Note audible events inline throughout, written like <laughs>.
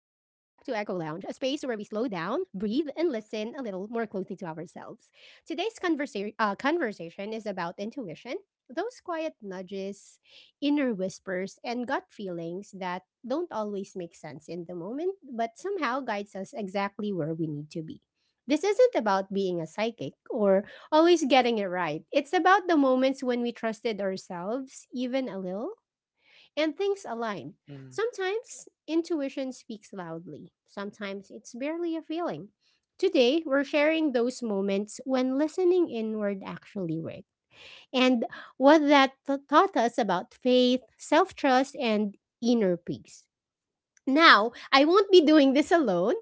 where we slow down, breathe, and listen a little more closely to ourselves. Today's conversation is about intuition, those quiet nudges, inner whispers, and gut feelings that don't always make sense in the moment, but somehow guides us exactly where we need to be. This isn't about being a psychic or always getting it right. It's about the moments when we trusted ourselves, even a little and things align. Mm. Sometimes intuition speaks loudly, sometimes it's barely a feeling. Today, we're sharing those moments when listening inward actually worked and what taught us about faith, self trust, and inner peace. Now, I won't be doing this alone.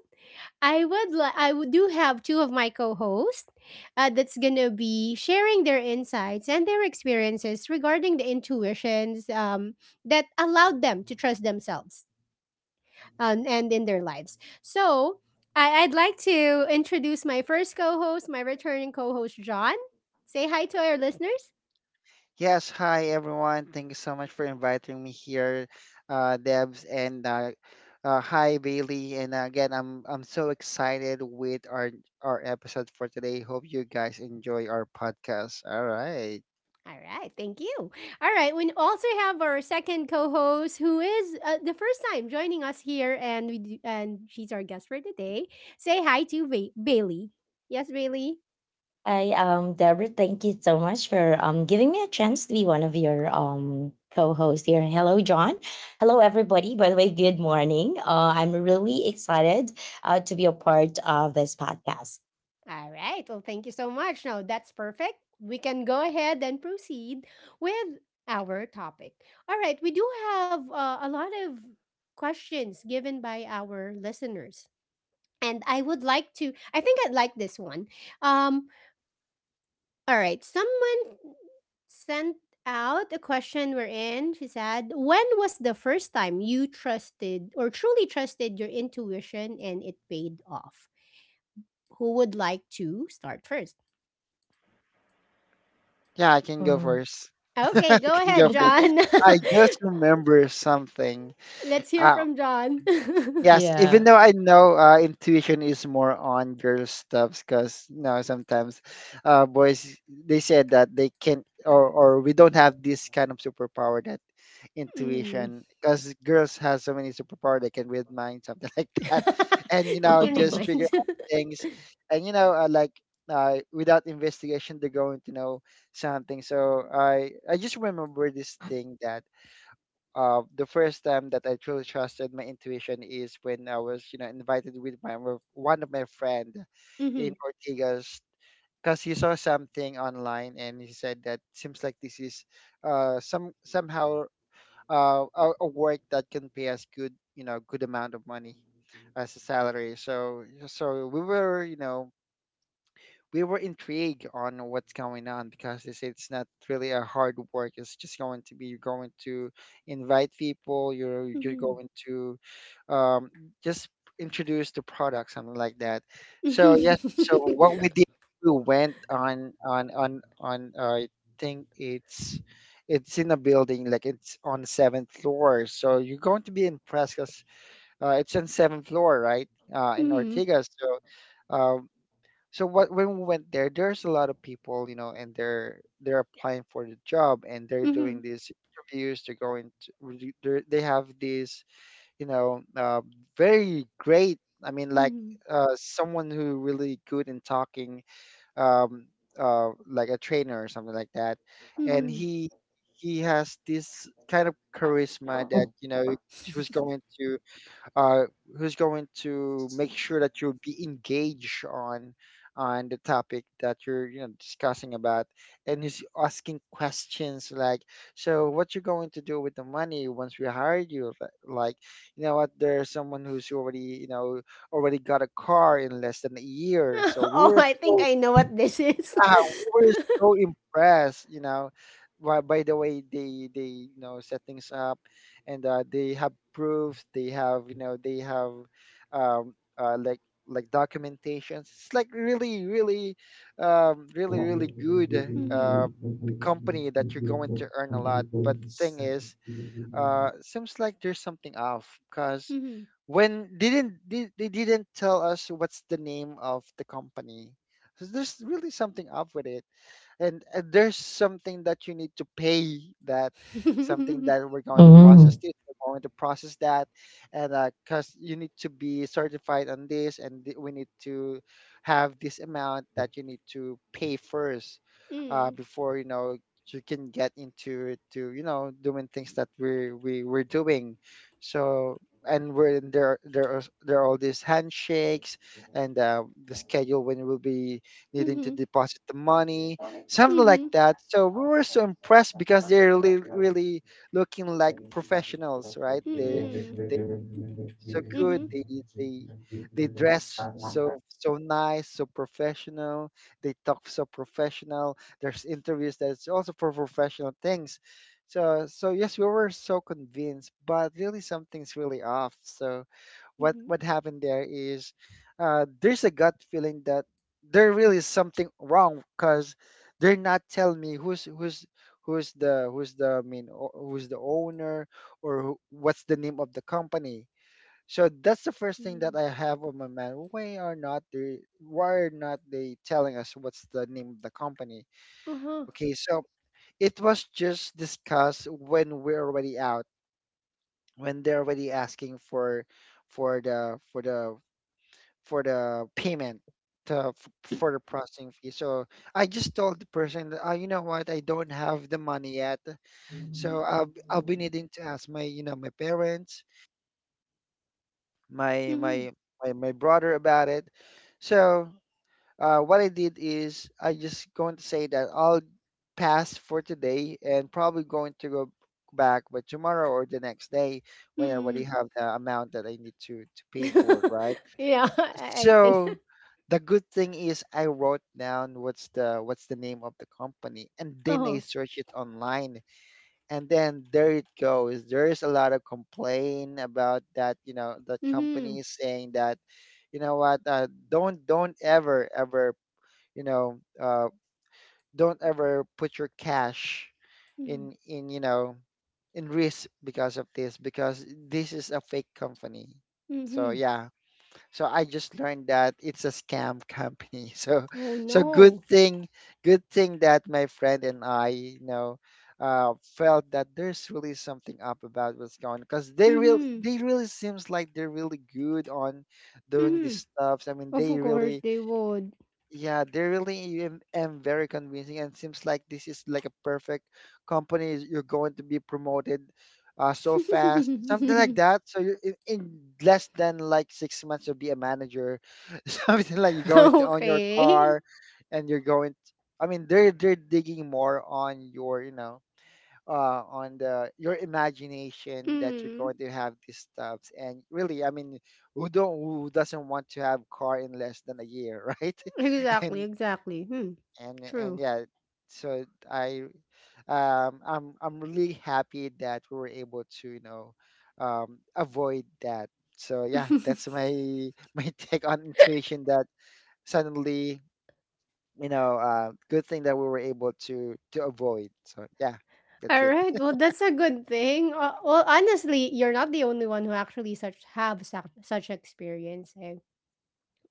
I would li- I would do have two of my co-hosts that's gonna be sharing their insights and their experiences regarding the intuitions that allowed them to trust themselves, and in their lives. So I'd like to introduce my first co-host, my returning co-host John. Say hi to our listeners. Yes, hi everyone. Thank you so much for inviting me here, Debs, and hi Bailey. And again, I'm so excited with our episode for today. Hope you guys enjoy our podcast. All right. All right, thank you. All right, we also have our second co-host who is the first time joining us here, and we do, and she's our guest for today. Say hi to Bailey. Yes, Bailey. Hi, Deborah. Thank you so much for giving me a chance to be one of your co-hosts here. Hello, John. Hello, everybody. By the way, good morning. I'm really excited to be a part of this podcast. All right. Well, thank you so much. Now that's perfect. We can go ahead and proceed with our topic. All right, we do have a lot of questions given by our listeners, and I would like to. I think I'd like this one. Um, All right. Someone sent out a question we're in. She said, when was the first time you trusted or truly trusted your intuition and it paid off? Who would like to start first? Yeah, I can go Mm, first. <laughs> Okay, I okay. go can ahead, go first. John. I <laughs> just remember something. <laughs> Let's hear Uh, from John. <laughs> Yes, even yeah. though I know intuition is more on girl stuffs, because you know sometimes boys they said that they can't or we don't have this kind of superpower that Mhm. intuition, because girls have so many superpower they can read mind something <laughs> like that, and you <laughs> We know can read just <laughs> figure minds. out <laughs> things, and you know like without investigation they're going to know something. So I just remember this thing that the first time that I truly trusted my intuition is when I was, you know, invited with my with one of my friend in Hmm. Ortigas because he saw something online and he said that seems like this is somehow a work that can pay us good, you know, good amount of money as a salary. So we were, you know, we were intrigued on what's going on because they say it's not really a hard work. It's just going to be you're going to invite people. You're Hmm. going to um, just introduce the product, something like that. So yes, Hmm. so what we did, we went on. I think it's in a building like it's on seventh floor. So you're going to be impressed because it's on seventh floor, right? In Hmm. Ortega. So uh, so what when we went there, there's a lot of people, you know, and they're applying for the job and they're Hmm. doing these interviews. They're going to re- they're, they have these, you know, very great. I mean, like someone who really good in talking, um, like a trainer or something like that, and Hmm. he has this kind of charisma that you know he was going to uh, who's going to make sure that you'll be engaged on the topic that you're discussing about and who's asking questions like so what you're going to do with the money once we hire you like you know what there's someone who's already you know already got a car in less than a year so <laughs> <laughs> we Oh, were I think so I know what this is. yeah, we were <laughs> so impressed, you know, by the way they set things up, and they have proof, they have you know they have um like documentations. It's like really really really good Mhm. Company that you're going to earn a lot. But the thing is, seems like there's something off because Mhm. when didn't they didn't tell us what's the name of the company so there's really something up with it and there's something that you need to pay that something that we're <laughs> going to Mm, process this we're going to process that and because you need to be certified on this and we need to have this amount that you need to pay first Mm. before you know you can get into to you know doing things that we're doing so and we're there there are all these handshakes and the schedule when we'll be needing to Mhm. deposit the money something like Mhm. that. So we were so impressed because they're really, really looking like professionals, right? They Mm-mm. they so good. Mhm. They dress so nice, so professional. They talk so professional. There's interviews that's also for professional things. So yes, we were so convinced, but really something's really off. So what Mhm. what happened there is there's a gut feeling that there really is something wrong because they're not telling me who's who's who's the I mean who's the owner or who, what's the name of the company. So that's the first thing Mm. that I have on my mind. Why are not they telling us what's the name of the company? Uh-huh. Okay, so it was just discussed when we're already out, when they're already asking for for the for the for the payment to, f- for the processing fee. So I just told the person, that, you know what, I don't have the money yet, so I'll be needing to ask my you know my parents, my Mhm. my my brother about it. So what I did is I just going to say that I'll pass for today and probably going to go back by tomorrow or the next day when I already Mm. have the amount that I need to pay for, <laughs> right? Yeah, <laughs> I think. so <laughs> the good thing is I wrote down what's the name of the company and then Uh-huh. I search it online and then there it goes. There's a lot of complaint about that, you know, that company Mhm. is saying that, you know what, don't ever ever, you know, don't ever put your cash Mhm. In you know in risk because of this because this is a fake company. So Mhm. yeah, so I just learned that it's a scam company. <laughs> So, Oh good no. thing, that my friend and I, you know, felt that there's really something up about what's going on because Mhm. they really seems like they're really good on doing Mhm. these stuffs. I mean, Of they course really they would. yeah, they really am very convincing and seems like this is like a perfect company. You're going to be promoted so fast, something like <laughs> that. So you're in less than like 6 months, you'll be a manager. <laughs> Something like you're going to own your Okay. car and you're going I mean, they're digging more on your, you know, on the your imagination that you're Mm. going to have these stuffs. And really, I mean, who doesn't want to have car in less than a year, <laughs> right? Exactly, And exactly. Hmm. True. yeah, so I I'm really happy that we were able to avoid that. So yeah, that's <laughs> my <laughs> my take on intuition that suddenly good thing that we were able to avoid. So yeah, that's it. Alright, <laughs> well, that's a good thing. Well, honestly, you're not the only one who actually such have such such experience. Eh?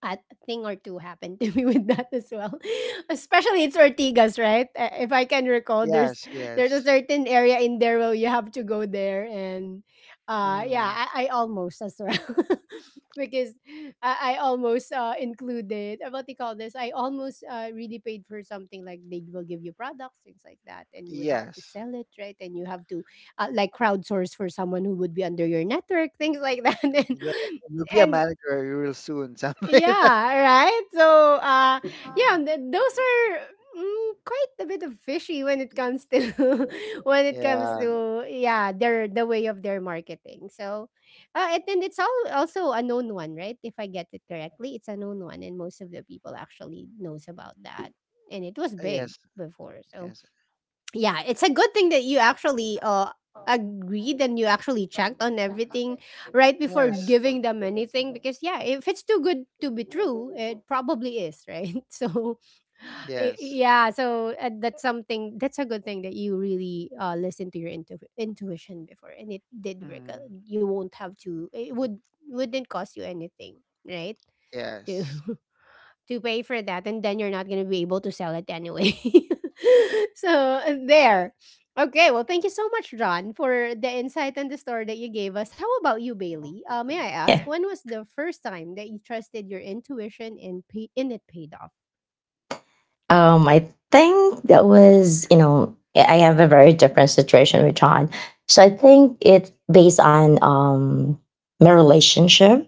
A thing or two happened to <laughs> me with that as well. <laughs> Especially it's Ortigas, right? If I can recall, there's Yes, there's a yes. certain area in there where you have to go there, and yeah, Mm, I almost as well <laughs> because I almost included, what do you call this? I almost really paid for something like they will give you products, things like that, and you would have to yes. sell it, right? And you have to like crowdsource for someone who would be under your network, things like that, <laughs> and. Yeah. You'll be a And manager real soon, <laughs> something like that. yeah, right? So, yeah, those are, mm, quite a bit of fishy when it comes to <laughs> when it comes Yeah. to, yeah, their the way of their marketing. So, and then it's all also a known one, right? If I get it correctly, it's a known one, and most of the people actually knows about that, and it was big Yes. before. So, Yes. yeah, it's a good thing that you actually agreed and you actually checked on everything right before Yes. giving them anything because yeah, if it's too good to be true, it probably is, right? <laughs> So Yes. yeah, so that's something that's a good thing that you really listen to your intuition before and it did work out. Mm, You won't have to it would wouldn't cost you anything, right? To yes. <laughs> to pay for that and then you're not going to be able to sell it anyway. <laughs> So there. Okay, well, thank you so much, John, for the insight and the story that you gave us. How about you, Bailey? May I yeah. ask, when was the first time that you trusted your intuition and and it paid off? I think that was, you know, I have a very different situation with John. So I think it's based on my relationship.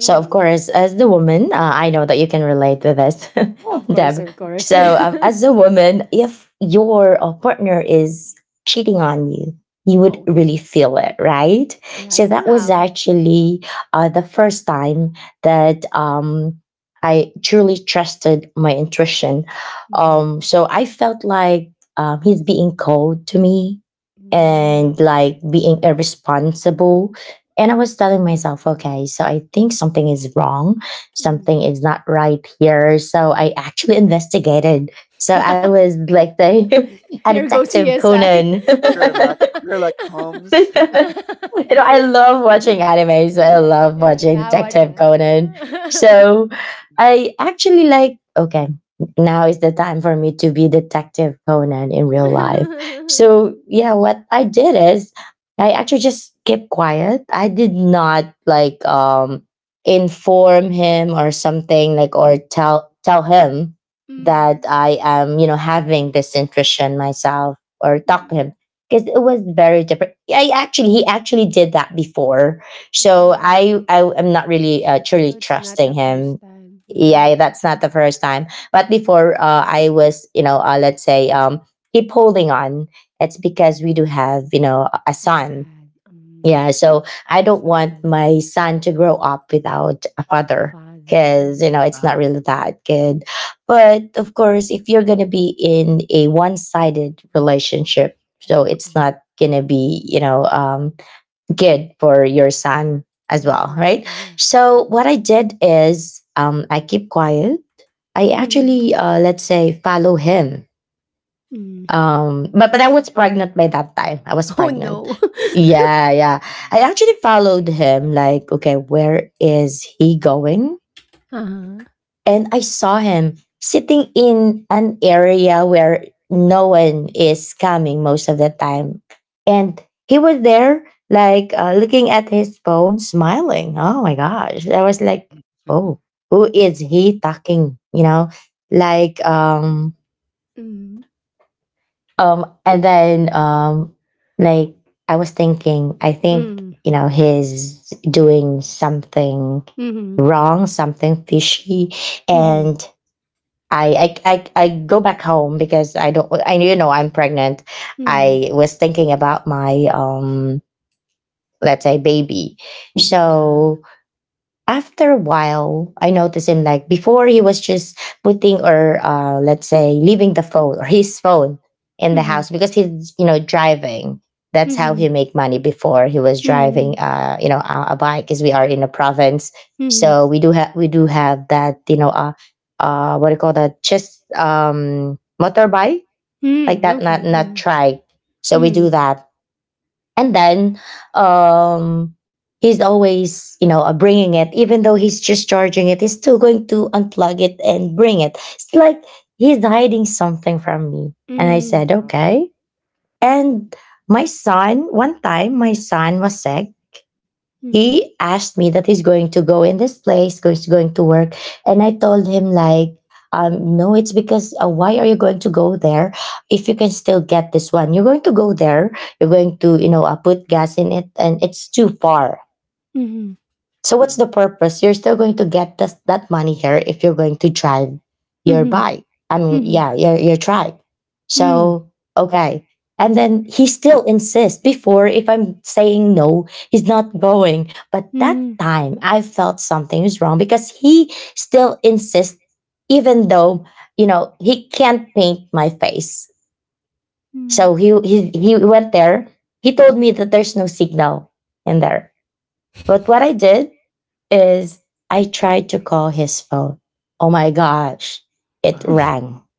So of course, as the Mm, woman, I know that you can relate with this, Of <laughs> course, Deb. of course. So as <laughs> a woman, if your partner is cheating on you, you would really Okay. feel it, right? Yeah, So that was somehow. actually the first time that I truly trusted my intuition, Mhm. So I felt like he's being cold to me Mm, and like being mm. irresponsible. And I was telling myself, okay, so I think something is wrong. Something mhm. is not right here. So I actually <laughs> investigated. So I <laughs> was like the <laughs> a Here goes detective CSI. Conan. <laughs> Sherlock. <laughs> Sherlock <laughs> Holmes. you know, I love watching anime, so I love Yeah, watching yeah, I watch Detective it. Conan. So I actually like, okay, now is the time for me to be Detective Conan in real life. <laughs> So yeah, what I did is I actually just kept quiet. I did not like inform him or something like or tell him that I am, you know, having this intrusion myself or talk to him because it was very different. I actually he actually did that before, so Oh, I am not really truly so it's not trusting the him. first time. Yeah, Mm, Mhm. that's not the first time. But before I was, you know, let's say, keep holding on. It's because we do have, you know, a A son. child. Yeah, so I That's don't want normally my son to grow up without a a father father. because, you Hmm. know, it's not uh-huh. really that good. But of course, if you're going to be in a one sided relationship, so it's Exactly. not going to be, you know, good for your son as Yes, well, right? exactly. Yeah. So what I did is, I keep quiet. I Hmm. actually, let's say, follow him, Mm. but but I was pregnant by that time. I was <laughs> Oh pregnant. no. <laughs> Yeah, yeah. I actually followed him. Like, okay, where is he going? Uh-huh. And I saw him sitting in an area where no one is coming most of the time, and he was there, like looking at his phone, smiling. Oh my gosh! I was like, Mm, oh, <laughs> who is he talking? You know, like Mm. And then like I was thinking, I think Mm. you know he's doing something Mhm. wrong, something fishy, Mhm. and I go back home because I don't. I you know I'm pregnant. Mhm. I was thinking about my, let's say, baby, so after a while, I noticed him like before he was just putting or, let's say, leaving the phone or his phone in the Mhm. house because he's you know driving. That's how he Mhm. make money before he was Mhm. driving you know a bike because we are in a province, Mhm. so we do have that you know what do you call that, just motorbike, like Mm, that, not okay, not yeah. trike. So we do Mm. that and then um he's always you know bringing it even though he's just charging it, he's still going to unplug it and bring it. It's like he's hiding something from me, and I Mm. said uh, okay. And my son, one time my son was sick, Mhm. he asked me that he's going to go in this place, he's going to work. And I told him like, no, it's because why are you going to go there if you can still get this one? You're going to go there. You're going to, you know, put gas in it and it's too far. Mhm. So what's mm, the purpose? You're still going to get this, that money here, if you're going to drive your Mhm. bike. I mean, Mhm. yeah, your tribe. Mm. So okay, and then he still insists. Before, if I'm saying no, he's not going. But that Mhm. time, I felt something is wrong because he still insists, even though you know he can't paint my face. Mm. So he went there. He told me that there's no signal in there. But what I did is I tried to call his phone. Oh my gosh, it uh-huh. <laughs> rang. <laughs>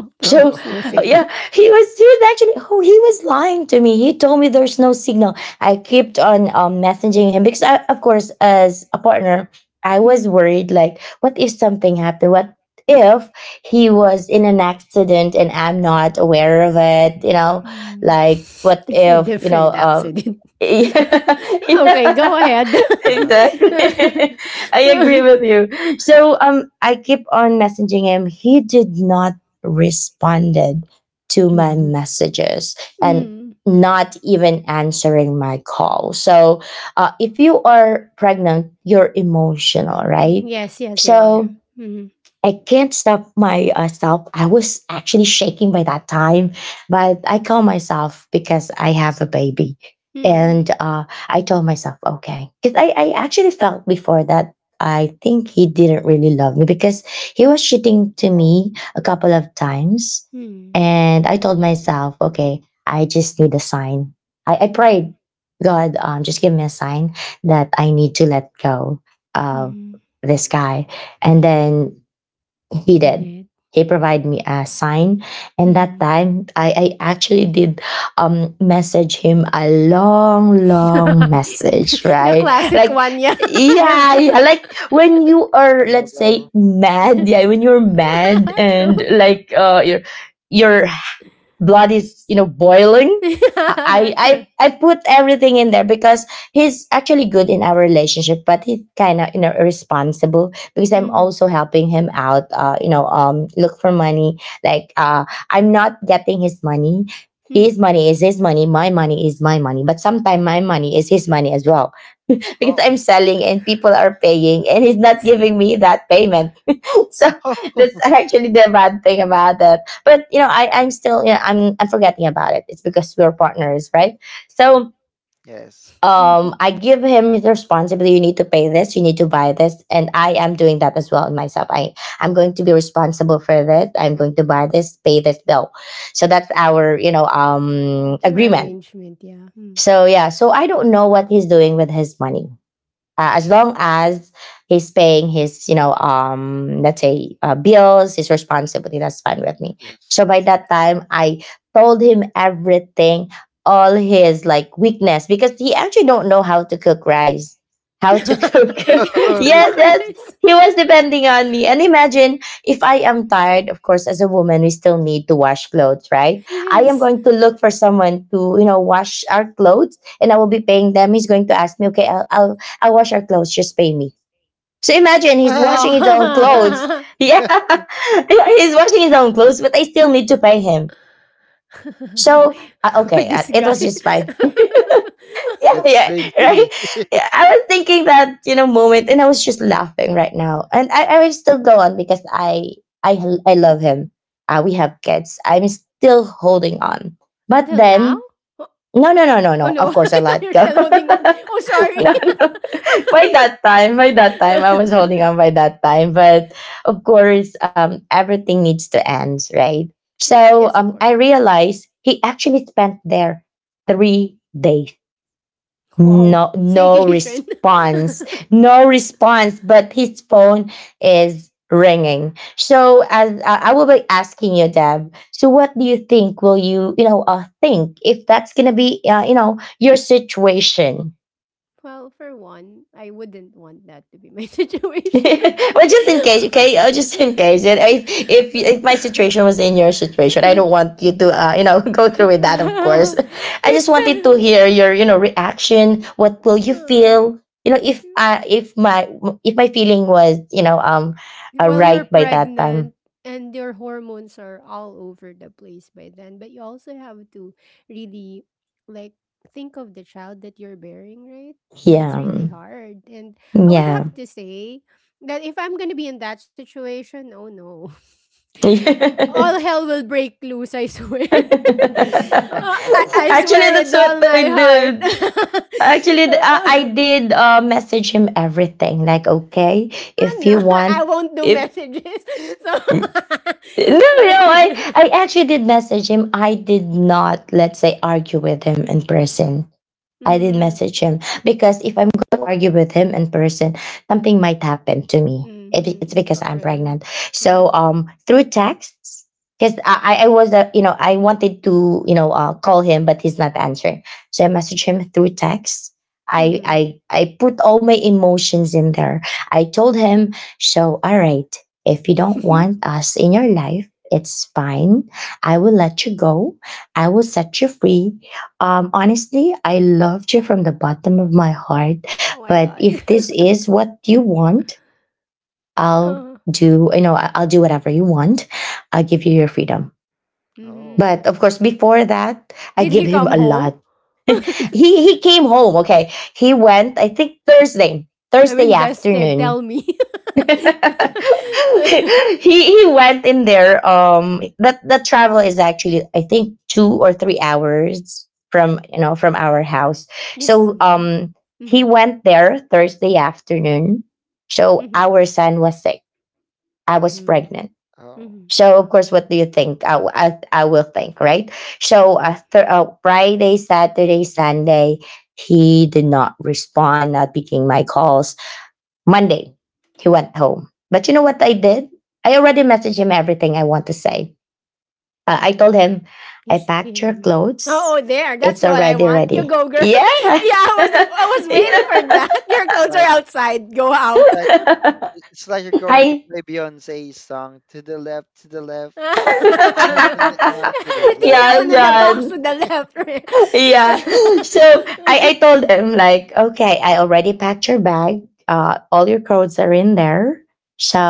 Okay, So Oh, there's <laughs> no okay. signal. yeah, he was actually, oh, he was lying to me. He told me there's no signal. I kept on messaging him because I, of course, as a partner I was Mm. worried. Like, what if something happened? What if he was in an accident and I'm not aware of it? You know, Mm. like <laughs> what It's a if you know different accident. <laughs> yeah, <laughs> Okay, go yeah, ahead. <laughs> <laughs> Uh, exactly. <laughs> I agree with you. So I keep on messaging him. He did not responded to my Mhm. messages and Mm. mm. not even answering my call. So if you are pregnant, you're emotional, Mm, right? yes, yes, you are. So Mm. I can't stop myself. I was actually shaking by that time, but I calm myself because I have a baby. Mm. And I told myself, okay. Because I actually felt before that I think he didn't really love me because he was cheating to Oh, me a couple of times. Mm. And I told myself, okay, I just need a sign. I Mhm. prayed, God, just give me a sign that I need to let go of Mhm. this guy, and then he You did. did. He provided me a sign. And that Mhm. time, I actually did, message him a long, long <laughs> message, The right? classic Like, one, yeah, <laughs> yeah, yeah, yeah, like when you a are, let's say, novel. mad, yeah, when you're mad <laughs> true, and like you're blood is you know boiling. <laughs> yeah, i true. i i put everything in there because he's actually good in our relationship, but he's kind of you know irresponsible because I'm Mhm. also helping him out you know look for money, like I'm not getting his money. His Mhm. money is his money, my money is my money, but sometimes my money is his money as well. <laughs> Because Oh. I'm selling and people are paying, and he's not That's. <laughs> giving me that payment. So <laughs> that's <laughs> actually the bad thing about that, but you know I'm still, yeah, I'm forgetting about it. It's because we're partners, right? So Yes. Mhm. I give him his responsibility. You need to pay this, you need to buy this, and I am doing that as well in myself. I'm going to be responsible for this. I'm going to buy this, pay this bill. So that's our you know Your agreement. arrangement, yeah. Mm. So yeah, so I don't know what he's doing with his money, as long as he's paying his you know let's say bills, his responsibility, that's fine with me. Yes. So by that time I told him everything, all his like weakness, because he actually don't know how to cook rice, how to cook. <laughs> <laughs> Even Oh, the Yes, yes, cockroach. he was depending on me. And imagine, if I am tired, of course as a woman we still need to wash clothes, right? I am Yes. going to look for someone to you know wash our clothes, and I will be paying them. He's going to ask me, okay, I'll wash your clothes. Just pay me. So imagine <laughs> he's what? washing his own clothes. <laughs> Wow! <laughs> Yeah, <laughs> <laughs> he's washing his own clothes, but I still need to pay him. So okay, This it guy. was just fine. <laughs> Yeah, That's <laughs> yeah, right. crazy. Yeah, I was thinking that you know moment, and I was just laughing right now, and I, will still go on because I love him. We have kids. I'm still holding on, but Until now? then Oh, no, no, no, no, oh no. Of no, course, I <laughs> let you're go. still holding on. <laughs> Oh, sorry. No, no. <laughs> By that time, I was holding <laughs> on by that time. But of course, everything needs to end, right? Yeah, So yes, of I course. realized he actually spent there 3 days. Wow. No, no Staycation. response, <laughs> no response. But his phone is ringing. So as, I will be asking you, Deb. So what do you think? Will you, you know, think if that's gonna be, you know, your situation? Well, for one, I wouldn't want that to be my <laughs> <laughs> situation. Well, just in case, okay? Oh, <laughs> just in case. And If my situation was in your situation, I don't <laughs> want you to, you know, <laughs> go <laughs> through with that. Of course, <laughs> I just It wanted to felt hear your, you know, reaction. What will you feel? You know, if my feeling was, you know, while right you're by that time. pregnant and your hormones are all over the place by then but you also have to really like think of the child that you're bearing right that's Yeah, really hard and I would yeah. have to say that if I'm going to be in that situation oh no. <laughs> All <laughs> hell will break loose, I swear. <laughs> Okay. I Actually, swear that's with all what I my heart. did. Actually, I <laughs> did, message him everything. Like, okay, Oh if you no, <laughs> I want, won't do if messages. <laughs> So <laughs> no, no, I actually did message him. I did not, let's say, argue with him in person. I did mm, message him because if I'm going to argue with him in person, something might happen to me. It's because mm-hmm, Oh, I'm yeah. true, pregnant. True. Through texts, because I was I wanted to call him, but he's not answering. So I messaged him through text. I I Hmm. I put all my emotions in there. I told him, so all right, if you don't want <laughs> us in your life, it's fine. I will let you go. I will set you free. Honestly, I loved you from the bottom of my heart. Oh my But god. if this is <laughs> what you want, I'll Oh, do. I'll do whatever you want. I'll give you your freedom. Oh, hmm. okay. But of course, before that, I Did give he him come a home? lot. <laughs> he <laughs> he came home. Okay, he went. I think Thursday, I'm Thursday invested. afternoon. Tell me. <laughs> <laughs> he Mhm. he went in there. That the travel is actually I think 2 or 3 hours from from our house. Yes. So Mm-hmm, um, he hmm. went there Thursday afternoon. So Hmm. our son was sick. I was pregnant. Oh. Hmm. So of course, what do you think? I will think right. So Friday, Saturday, Sunday, he did not respond, not picking my calls Monday, he went home. But you know what I did? I already messaged him everything I want to say. I Hmm. told <laughs> him, You I see. packed your Mhm. clothes. Oh, there. That's It's the one I already want. You ready. go, girl. Yeah. <laughs> Yeah, I was <laughs> waiting for yeah. that. <laughs> Your It's clothes like are outside. Go it's out. like <laughs> it's like you're going to I. play Beyonce's song to the left, <laughs> Everything everything on to the <laughs> left, you Yeah, own in to the the left. box to John. the left. Yeah. So I told him like, okay, I already packed your bag. All your clothes are in there.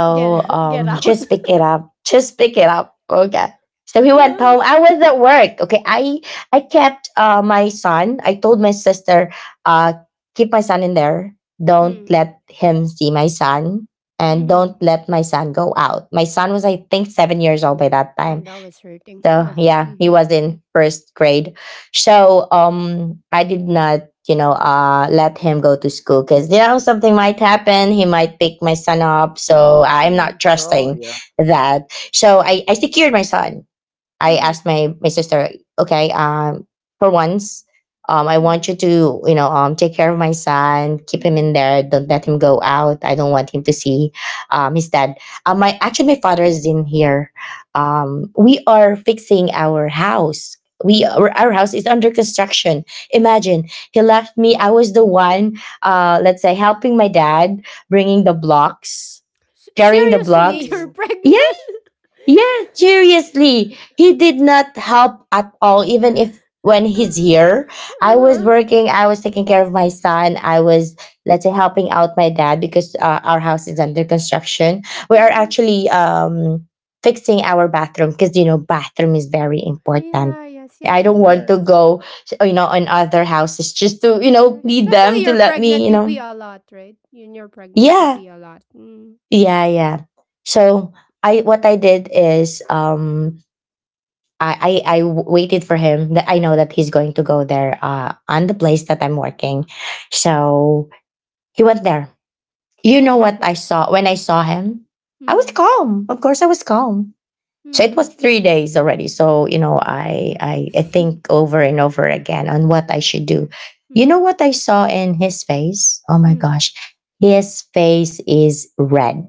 <laughs> Get out. <laughs> Just pick it up. Just pick it up. Okay. So he went Uh, home. I was at work. Okay. I kept my son. I told my sister, uh, keep my son in there. Don't mm, let him see my son. And hmm. don't let my son go out. My son was, I think, 7 years old by that Oh, time that was hurting. so Yeah. yeah, he was Mm-hmm. in first grade. I did not, let him go to You know, school because you know something let might happen. He might pick my son up. So I'm not him Oh trusting yeah. that. So I secured my son. go to school because you know something might happen. He might pick my son up, so I'm Mm-hmm. not trusting. I Mm-hmm. Asked my sister, okay, for once, I I Mm-hmm. want want you you to, take care of my son, to, keep you know, take him care of my in son. there, don't let him go out. I don't want him to see, his dad. My actually my father is in here. We are fixing our house. We Our house is under construction. Mm-hmm. Mm-hmm. Mm-hmm. Imagine he left me. Oh. I was the one, let's say, helping my dad, bringing the blocks, carrying the Seriously, <laughs> blocks. you're Oh. pregnant. Yeah. <laughs> Yeah, seriously. He did not help at all, even if when he's Uh-huh. here. I was working, I was taking care of my son, I was, let's say, helping out my dad because our house is under construction. We are Uh-huh. actually Fixing our bathroom because, you know, bathroom is very important. Yeah. Yes. I Yes. don't Of Yeah. want to course. go, you know, in other houses S- just to, you know, You're, plead them especially to you're let me, pregnant. you You pee know. a lot, right? When you're pregnant, you Yeah, pee a lot. Mm. yeah, yeah. So I what I did is waited for him that I know that he's going to go there on the place that I'm working. So he went there. You What know what I happened? saw when I saw him? I was Mm. calm. Of course, I was calm. So it Mm-hmm. was 3 days already. So, you know, I think <laughs> over and over again on what I should do. You know Mm. what I saw in his face? Oh my Mm. gosh. His face is red.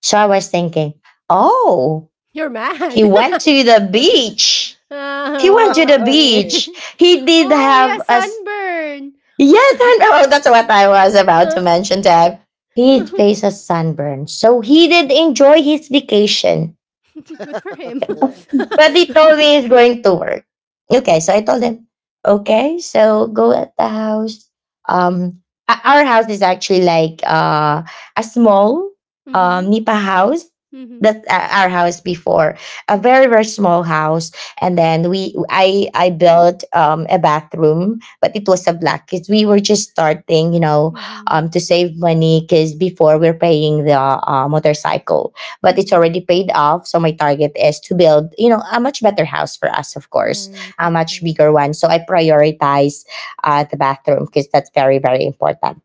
So I was thinking, oh, You're he mad. went to the beach <laughs> he went to Ah, the Okay. okay. beach. <laughs> He did Oh, he have has a sunburn. yes, I <laughs> know. <laughs> That's what I was about Huh? to mention to him. He <laughs> faced a sunburn, so he did enjoy his vacation. Good for <laughs> him. Okay. <laughs> <laughs> But it always going to work. Okay, so I told him, okay, so go at the house. Um, our house is actually like a small Mhm. Nipa house. Mhm. That's our house before, a Mhm. very very small house, and then we I built a bathroom, but it was a Mm. black because we were just starting, you know, Mhm. to save money because before we're paying the motorcycle, but it's Mhm. already paid off. So my target is to build, you know, a much better house for us, of All course, right, a of much course. bigger one. So I prioritize the bathroom because that's very, very important.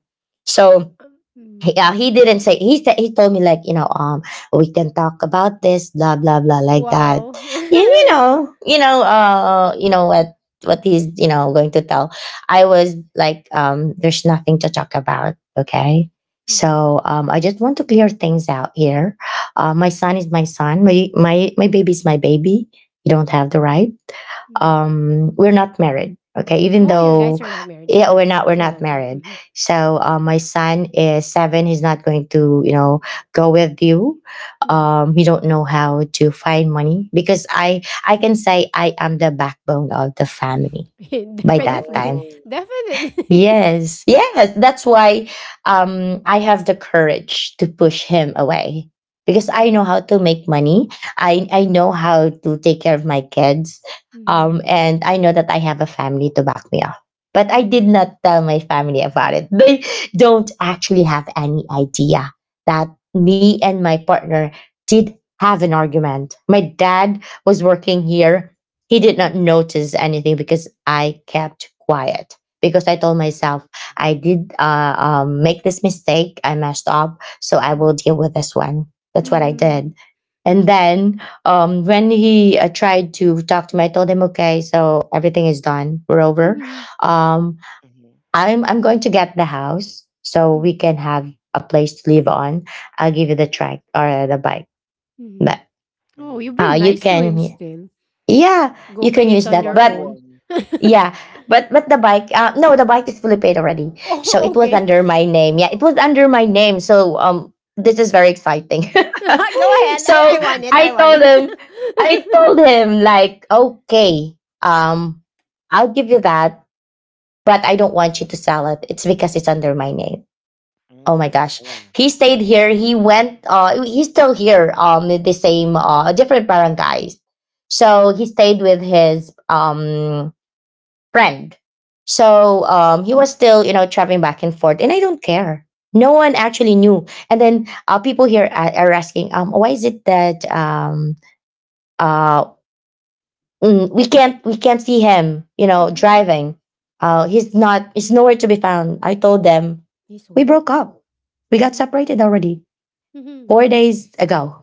So he Mm. yeah, he didn't say, he said he told me like, you know, we can talk about this, blah blah blah, like that. Wow. <laughs> You know what he's you know going to tell. I was like, there's nothing to talk about. Okay, Mhm. I just want to clear things out here. My son is my son. My baby is my baby. You don't have the right Mm. We're not married, okay, even Oh, your guys though are not married, so yeah that's so we're say not loga. married, Mm-hmm. so my son is seven, he's not going to you know go with you, Mm-hmm. He don't know how to find money because I can say I am the backbone of the family <laughs> by that Definitely. time. Oh. <laughs> Definitely. Mm-hmm. <laughs> Yes, yes. That's why I have the courage to push him away because I Mm-hmm. know how to make money. I know how to take care of my kids, Mm-hmm. and I know that I have a family to back me up. But I did not tell my family about it. <laughs> They don't actually have any idea that me and my partner did have an argument. My dad was working here. He did not notice anything because I kept quiet because I told myself I did make this mistake. I messed up, so I will Mm-hmm. deal with this one. That's what I Mm-hmm. did. And then when he tried to talk to me, I told him, "Okay, so everything is done. We're over. Um, I'm going to get the house so we Mm-hmm. can have a place to live on. I'll give you the track or the bike, Mhm. but Oh, you've Mm-hmm. Been you nice to him can." still. Yeah, Go you can pay it use on It's a that. your lucky But own. one. yeah, but the bike, no, the bike is fully paid already. <laughs> So Oh, it was okay. under my name. Yeah, it was Oh. under my name. This is very exciting. <laughs> Go <laughs> ahead. I, so I want it. I I want <laughs> told him, it. I told him like, okay, um, I'll give you that, but I don't want you to sell it. It's because it's under my name. Oh my Mm. gosh, Yeah. he stayed here. He went. He's still here. In the same different barangays. So he stayed with his friend. He was still, you know, traveling back and forth, and I don't care. No one actually knew. And then people here are asking, why is it that uh, we can't see him, you <laughs> know, Hmm. driving? He's not. He's nowhere to be found. I told them He we sold it? broke up. We got Mm-hmm. separated already. Mm-hmm. 4 days ago.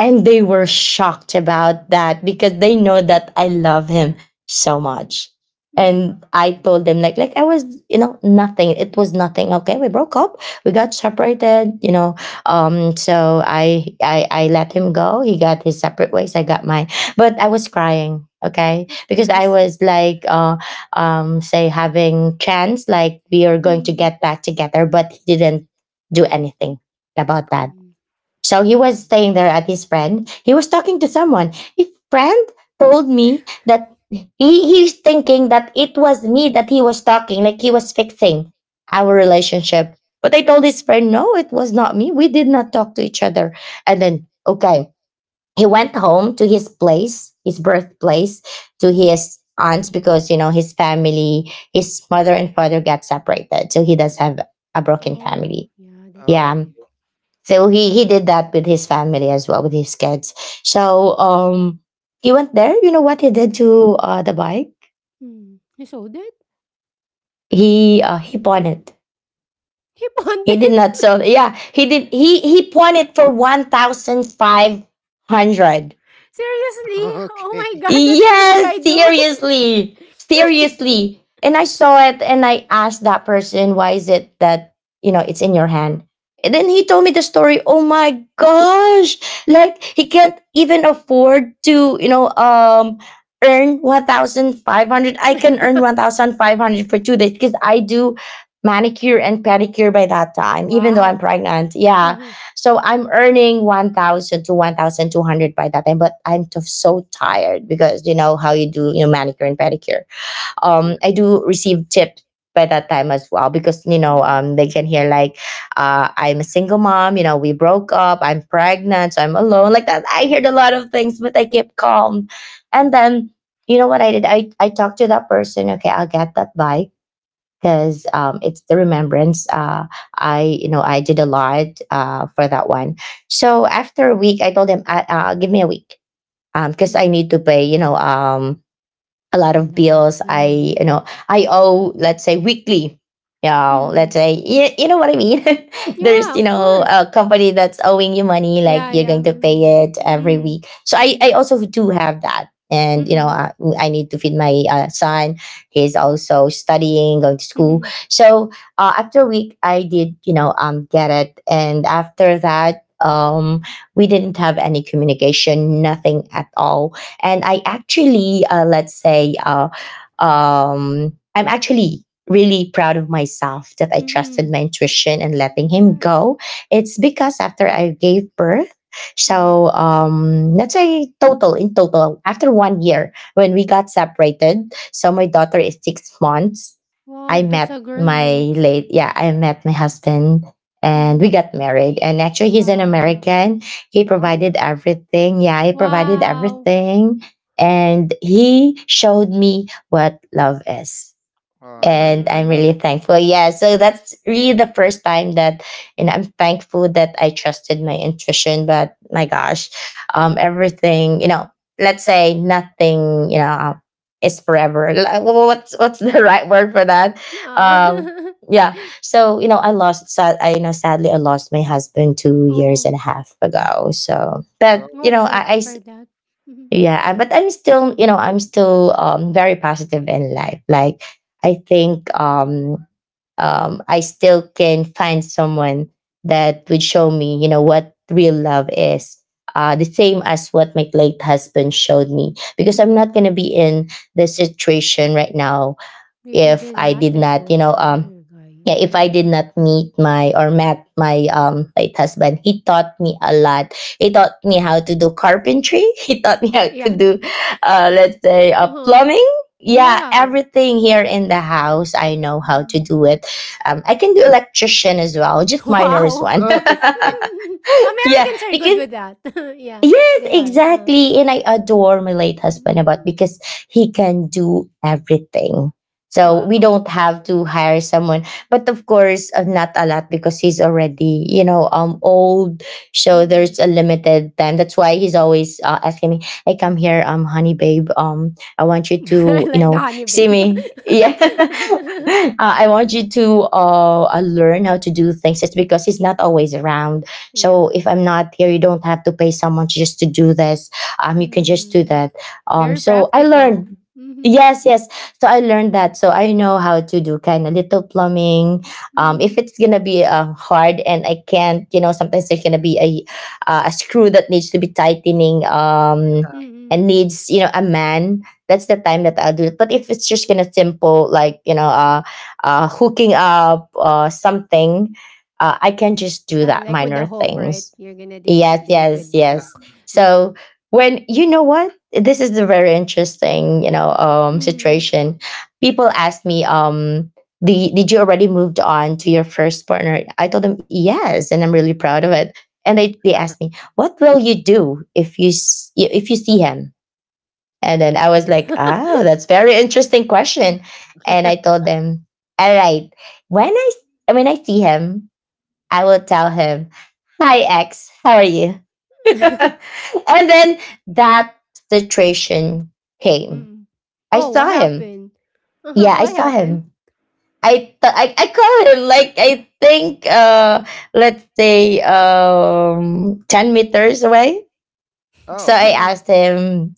And they were shocked about that because they know that I love him so much. Mm-hmm. And I Mm. told them like I was, you know, nothing. It was nothing. Okay. We broke up. We got separated, you know. So I let him go. He got his separate ways. I got mine. But I was crying, okay? Of Because I course. <laughs> was like say having chance like we are going to Mm-hmm. get back together, but he didn't do anything about that. Mm-hmm. So he was Mm-hmm. staying there at his friend. He was talking to someone. His friend told me that he's thinking that it was me that he was talking, like he was fixing our relationship. But I told his friend, no, it was not me. We did not talk to each other. And then, okay, he went home to his place, his birthplace, to Mm-hmm. his aunts because you know his family, his mother and father got separated, so he does have a broken Oh, family. yeah, that's Oh. Yeah, why. so Mm. He did that with his family as well, with his kids. So um he went there. You know what he did to the bike? Mm. He sold it? <laughs> He pawned it. He pawned He did it? not sell, yeah, he pawned it for 1,500. <laughs> Seriously? <laughs> Oh my Okay. god, what's this Yes, guy doing? seriously. Seriously. And I saw it and I asked that person, why is it that, you know, it's in your hand? And then he told me the story. Oh my gosh. Like he can't even afford to, earn 1500. I can earn 1500 for two <laughs> days because I do manicure and pedicure by that time even though I'm Wow. pregnant, yeah. Mm-hmm. So I'm earning 1,000 to 1,200 by that time, but so tired because you know how you do, you know, manicure and pedicure. Yeah. I do receive tips by that time as well because Mm. They can hear like I'm a single mom, you know, we broke up, I'm pregnant, so I'm alone like that. I heard a lot of things, but I kept calm. And then, you know what I did, I talked to that person. Okay, I'll get that bike because it's the remembrance. I, you know, I did a lot for that one. So after a week, I told him, give me a week because I Mm. need to pay, you know, a lot A of lot, bills yeah. I, you know, I owe, let's say, weekly. You know, Mm-hmm. let's say you, you know what I mean. <laughs> There's, Yeah, you of know, course. a Mhm. company that's owing you money, like Yeah, you're going yeah. to pay Mm. it every Mm. week. So I Mm. also do have that. And you know Mm. I need to feed my son. He's also studying, going to school. Mhm. So after a week, I did, you know, get it, and after that, we didn't have any communication, nothing at all. And I Mhm. actually, let's say I'm actually really proud of myself that I trusted Mhm. my intuition and letting him Yes. go. It's because after I gave birth, Uh-huh. so, let's say total, in total, after 1 year when we got separated, so my daughter is 6 months, Wow, that's a girl next. I met my husband and we Mhm. got married. And actually he's an Wow. American. He provided Oh. everything. Yeah, he provided Wow. everything. And he showed me what love is, Oh. <laughs> and I'm really Wow. Mm. thankful. Yeah, so that's really the first time that, and I'm thankful that I trusted my intuition. But my gosh, everything, you know, let's say nothing, you know, is forever. Like, what's the <laughs> right word for that? Um, Ah. <laughs> yeah. So you know, I, you know, sadly, I lost my husband 2 years Oh. and a half ago. So, but Oh. Oh, you I'm know, sorry I to- I for that. Mm-hmm. yeah, but I'm still, you know, I'm still very positive in life, like I think, I still can find someone that would show me, you know, what real love is, the Uh, same as what my late husband showed me, because I'm not going to be in this situation right now hmm. Right, if you if did I not did let not, go of the other guy. yeah, if I Mm. did not meet my or met my late husband. He taught me a lot. He taught me how to do carpentry. <laughs> He taught me how Like, to yeah. do let's say Uh-huh. plumbing. Yeah, Yeah. Mm, everything here in the house I know how to Mm. do it. I can do electrician as well, <laughs> just minor is Wow. one. Oh, Okay. <laughs> <laughs> Yeah, Americans are good because with that. <laughs> Yeah, yes, they are. Exactly. And I adore my late husband Mm, about because he can do everything. So we wow. don't have to hire someone. But of course, not a lot because he's already, you know, old. So So Mm. there's a limited time. That's why he's always asking me, "Hey, come here, honey, babe. I want you to, you <laughs> know, I like see me. Yeah, <laughs> the honey babe. <laughs> I want you to learn how to do things." It's because he's not always around, so Yeah. if I'm not here, you don't have to pay someone just to do this. You can just do Mm. that. Very So I practical. learned. Mm-hmm. Yes, yes. So I learned that. So I know how to do kind of little plumbing. Mm-hmm. If it's gonna be hard and I can't, you know, sometimes there's gonna be a screw that needs to be tightening. Mm-hmm. And needs, you know, a man. That's the time that I'll do it. But if it's just gonna simple like, you know, hooking up something, I can just do Ah, that like with the minor hook, right? things. You're gonna do, Yes, do it yes, with the Uh, yes. hook. Mm-hmm. So when, you know what, this is a very interesting, you know, Mm-hmm. situation. People ask me, did you already moved on to your first partner? I told them yes, and I'm really proud of it. And they asked me, what will you do if you see him? And then I was Nothing. like, oh, that's very interesting question. And I told them, all right, when I when I see him, I will tell him, hi, ex, how are you? <laughs> <laughs> And then that situation came. Mm. I Oh, saw what him. happened? <laughs> Yeah, I What saw happened? him. I call him like I think let's say 10 meters away. So Oh. I Tell Okay. me. asked him,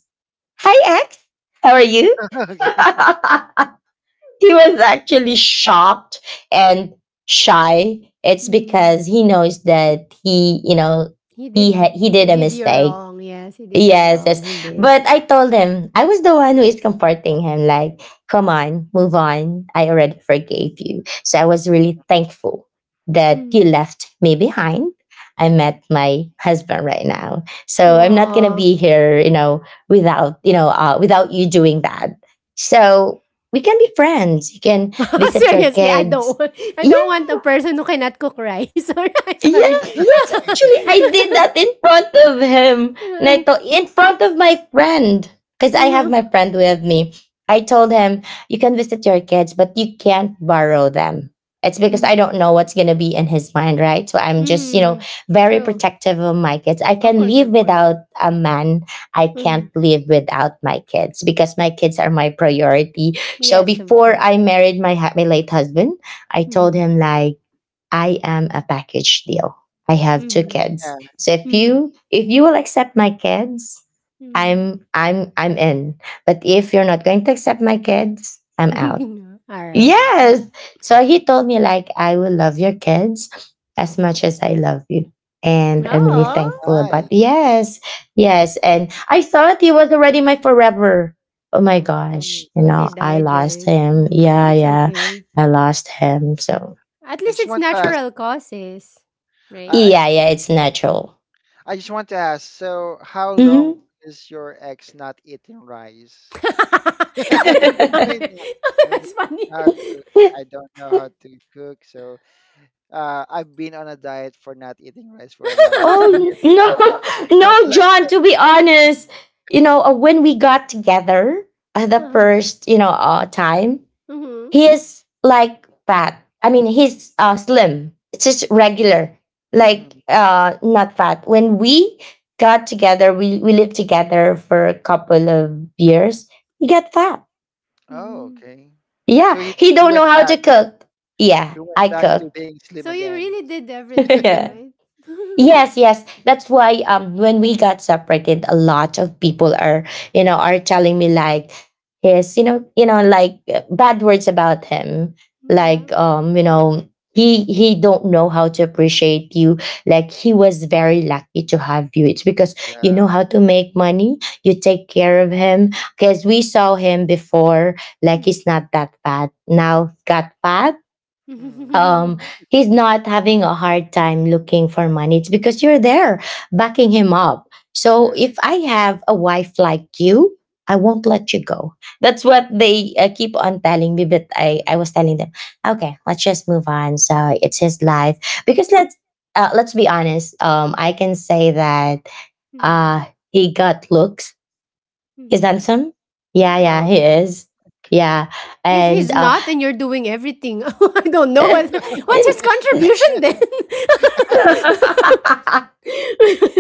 hi ex, how are you? <laughs> <laughs> He was actually shocked and shy. It's Mm-hmm. because he knows that he, you know, He did. He He did a did you mistake. wrong. Yes, he did you Yes, wrong. yes. He did. But I told him I was the one who is comforting him, like, come on, move on. I already forgave you. So I was really thankful that you left me behind. I met my husband right now. So I'm not gonna Mm. be here, you know, without you doing that. So we can be friends. You can <laughs> visit your Seriously, I kids. don't want I Yeah. don't want a person who cannot cook rice or <laughs> sorry. Yeah, yes, <laughs> Uh, actually, I did that in front of him. And I thought, in front of my friend, because I have mhm. my friend with me. I told him, you can visit your kids, but you can't borrow them. It's because I Mhm. don't know what's going to be in his mind, right? So I'm just, you know, Mhm. very True. protective of my kids. I Of can course, live of course. without a man. I can't Mhm. live without my kids because my kids are my priority. So Yes, of before course. I married my late husband, I told Mhm. him, like, I am a package deal. I have two Mhm. Okay. kids. Yeah. So Mhm. If you will accept my kids, Mhm. I'm in. But if you're not going to accept my kids, <laughs> I'm out. All right. Mm. Yes. So he told me like I will love your kids as much as I love you. And I'm really Oh, Oh, thankful about nice. Nice. yes, yes. And I thought he was already my forever. Oh my Mm, gosh. You but he know, nice. I died, lost right? him. Mm, Yeah, it's yeah. okay. I lost him. So At I least just it's want to ask, natural causes, I, right? I j- yeah, yeah, it's natural. I just want to ask, so how long Mhm. is your ex not eating rice? <laughs> <laughs> I mean, <laughs> I mean, That's funny. how to, <laughs> I don't know how to cook, so I've been on a diet for not eating rice for like Oh years now. <laughs> <laughs> no, <laughs> no, Something like John. that. To be honest, you know, when we got together the first, you know, time, Uh-huh. Mhm. he is like fat. I mean, he's slim. It's just regular, Mhm. like Mhm. Not fat. When we got together, we lived together for a couple of years. He got fat. Oh, Mhm. okay. Yeah, So he, he he don't know went how to back. cook. Yeah, He I went back to cooked. being So slim you again. really did <laughs> everything, Yeah. right? <laughs> Yes, yes. That's why when we got separated, a lot of people are, you know, are telling me like you know, like bad words about him. Yeah. Like you know, he don't know how to appreciate you. Like he was very lucky to have you. It's because you know Yeah. how to make money, you take care of him. Because we saw him before, like he's Mhm. not that bad. Now got fat, Mhm. um <laughs> he's not having a hard time looking for money, it's because you're there backing him up. So Yeah. if I have a wife like you, I won't let you go. That's what they keep on telling me, but I was Mhm, telling them, okay, let's just move on, so it's his life. Because let's be honest, I can say that Mhm. uh he got looks, he's Mhm. mhm. handsome. Yeah, Yeah. yeah, Oh, he okay, Mhm. is. Yeah. okay, If he's And not and you're doing everything, <laughs> I don't know what what's his contribution <laughs> <laughs> then. <laughs>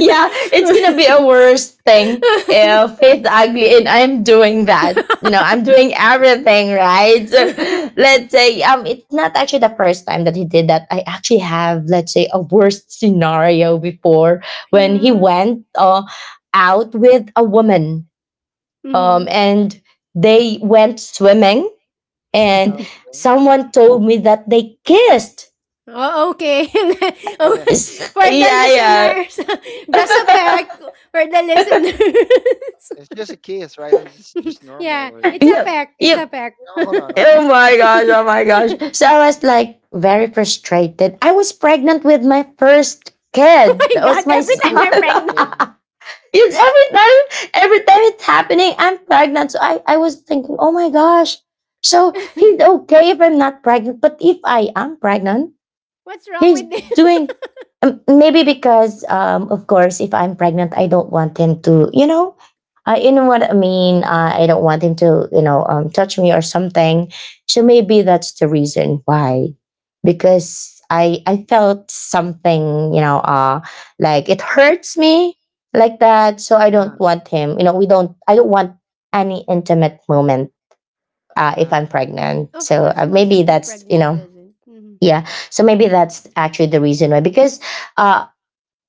yeah, it's gonna be a worse thing <laughs> if it's ugly and I'm doing that. You know, I'm doing everything right. <laughs> So, let's say it's not actually the first time that he did that. I actually have, let's say, a worst scenario before when he Yeah. went out with a woman, Mhm. and they went swimming, and okay. someone told me that they kissed. Oh, okay. <laughs> Oh, Yeah, It's- for the Yeah, yeah. listeners, <laughs> just a peck for the <laughs> listeners. it's just a kiss, right? And It's just <laughs> Yeah, normal. It's a Yep. peck. It's a Yep. Yeah. peck. <laughs> Oh, Oh hold on, hold Oh on. my gosh. Oh my gosh. So I was like very frustrated. I was pregnant with my first kid. my That god, was my every time you're son. <laughs> pregnant. Okay. <laughs> Yes, every time it's happening, I'm pregnant. So I was thinking, oh my gosh. So he's <laughs> okay if I'm not pregnant, but if I am pregnant, What's wrong he's with this? <laughs> doing, maybe because, of course if I'm pregnant, I don't want him to, you know, you know what I mean, I don't want him to, you know, touch me or something. So maybe that's the reason why, because I felt something, you know, like it hurts me like that. So I don't Um, want him, you know, we don't I don't want any intimate moment if um, I'm pregnant. Of So course, most maybe of the that's you pregnant know doesn't. Mhm. Yeah, so maybe that's actually the reason why. Because uh